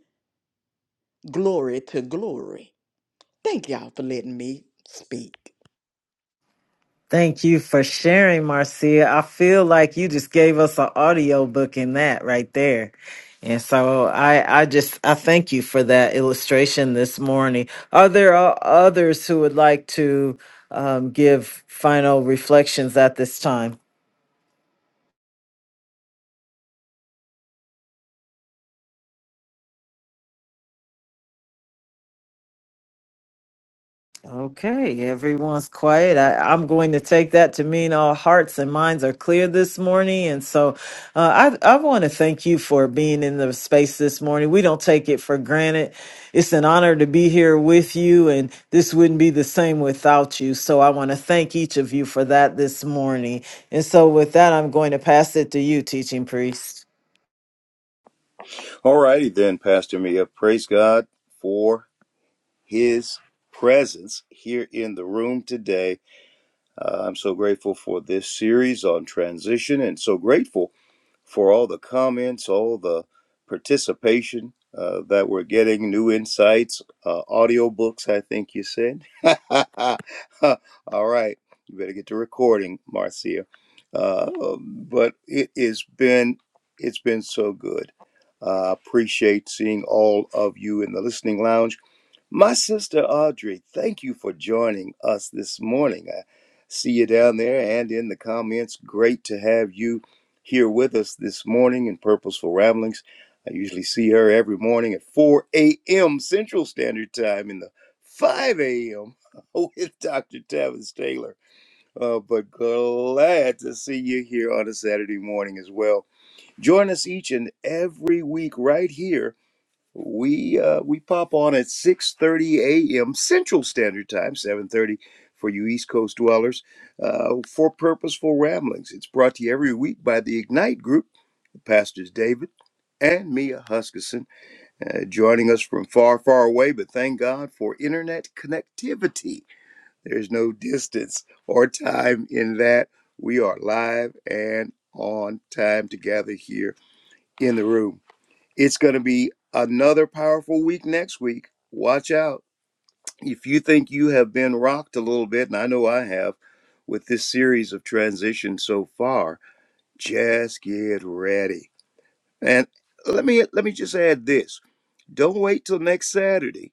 Speaker 6: glory to glory. Thank y'all for letting me speak.
Speaker 2: Thank you for sharing, Marcia. I feel like you just gave us an audio book in that right there. And so I, I just, I thank you for that illustration this morning. Are there o- others who would like to um, give final reflections at this time? Okay, everyone's quiet. I, I'm going to take that to mean all hearts and minds are clear this morning. And so uh, I, I want to thank you for being in the space this morning. We don't take it for granted. It's an honor to be here with you, and this wouldn't be the same without you. So I want to thank each of you for that this morning. And so with that, I'm going to pass it to you, teaching priest.
Speaker 3: All righty then, Pastor Mia. Praise God for his presence here in the room today. Uh, I'm so grateful for this series on transition and so grateful for all the comments, all the participation uh, that we're getting, new insights, uh, audiobooks, I think you said. all right, you better get to recording, Marcia. Uh, but it has been it's been so good. I Uh, appreciate seeing all of you in the listening lounge my sister Audrey, thank you for joining us this morning. I see you down there and in the comments. Great to have you here with us this morning in Purposeful Ramblings. I usually see her every morning at 4 a.m. Central Standard Time in the 5 a.m. with Dr. Tavis Taylor. Uh, but glad to see you here on a Saturday morning as well. Join us each and every week right here we uh, we pop on at 6:30 a.m. Central Standard Time, 7:30 for you East Coast dwellers, uh, for purposeful ramblings. It's brought to you every week by the Ignite Group, pastors David and Mia Huskisson, uh, joining us from far, far away. But thank God for internet connectivity. There's no distance or time in that. We are live and on time together here in the room. It's going to be another powerful week next week. Watch out. If you think you have been rocked a little bit, and I know I have with this series of transitions so far, just get ready. And let me let me just add this. Don't wait till next Saturday.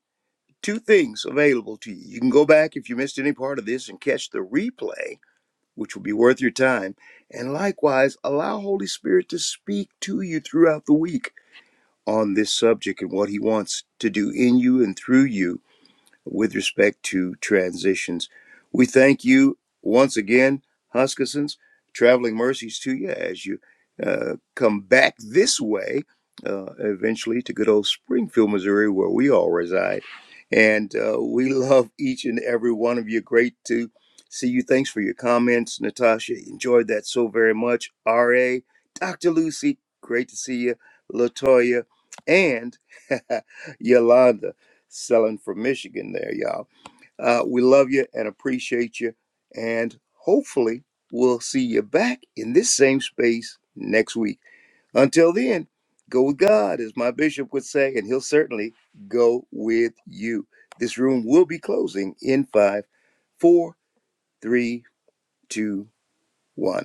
Speaker 3: Two things available to you. You can go back if you missed any part of this and catch the replay, which will be worth your time. And likewise, allow Holy Spirit to speak to you throughout the week on this subject and what he wants to do in you and through you with respect to transitions. We thank you once again, Huskissons, traveling mercies to you as you uh, come back this way uh, eventually to good old Springfield, Missouri, where we all reside. And uh, we love each and every one of you. Great to see you. Thanks for your comments, Natasha. Enjoyed that so very much. RA, Dr. Lucy, great to see you. Latoya, and Yolanda selling from Michigan there, y'all. Uh, we love you and appreciate you. And hopefully, we'll see you back in this same space next week. Until then, go with God, as my bishop would say, and he'll certainly go with you. This room will be closing in five, four, three, two, one.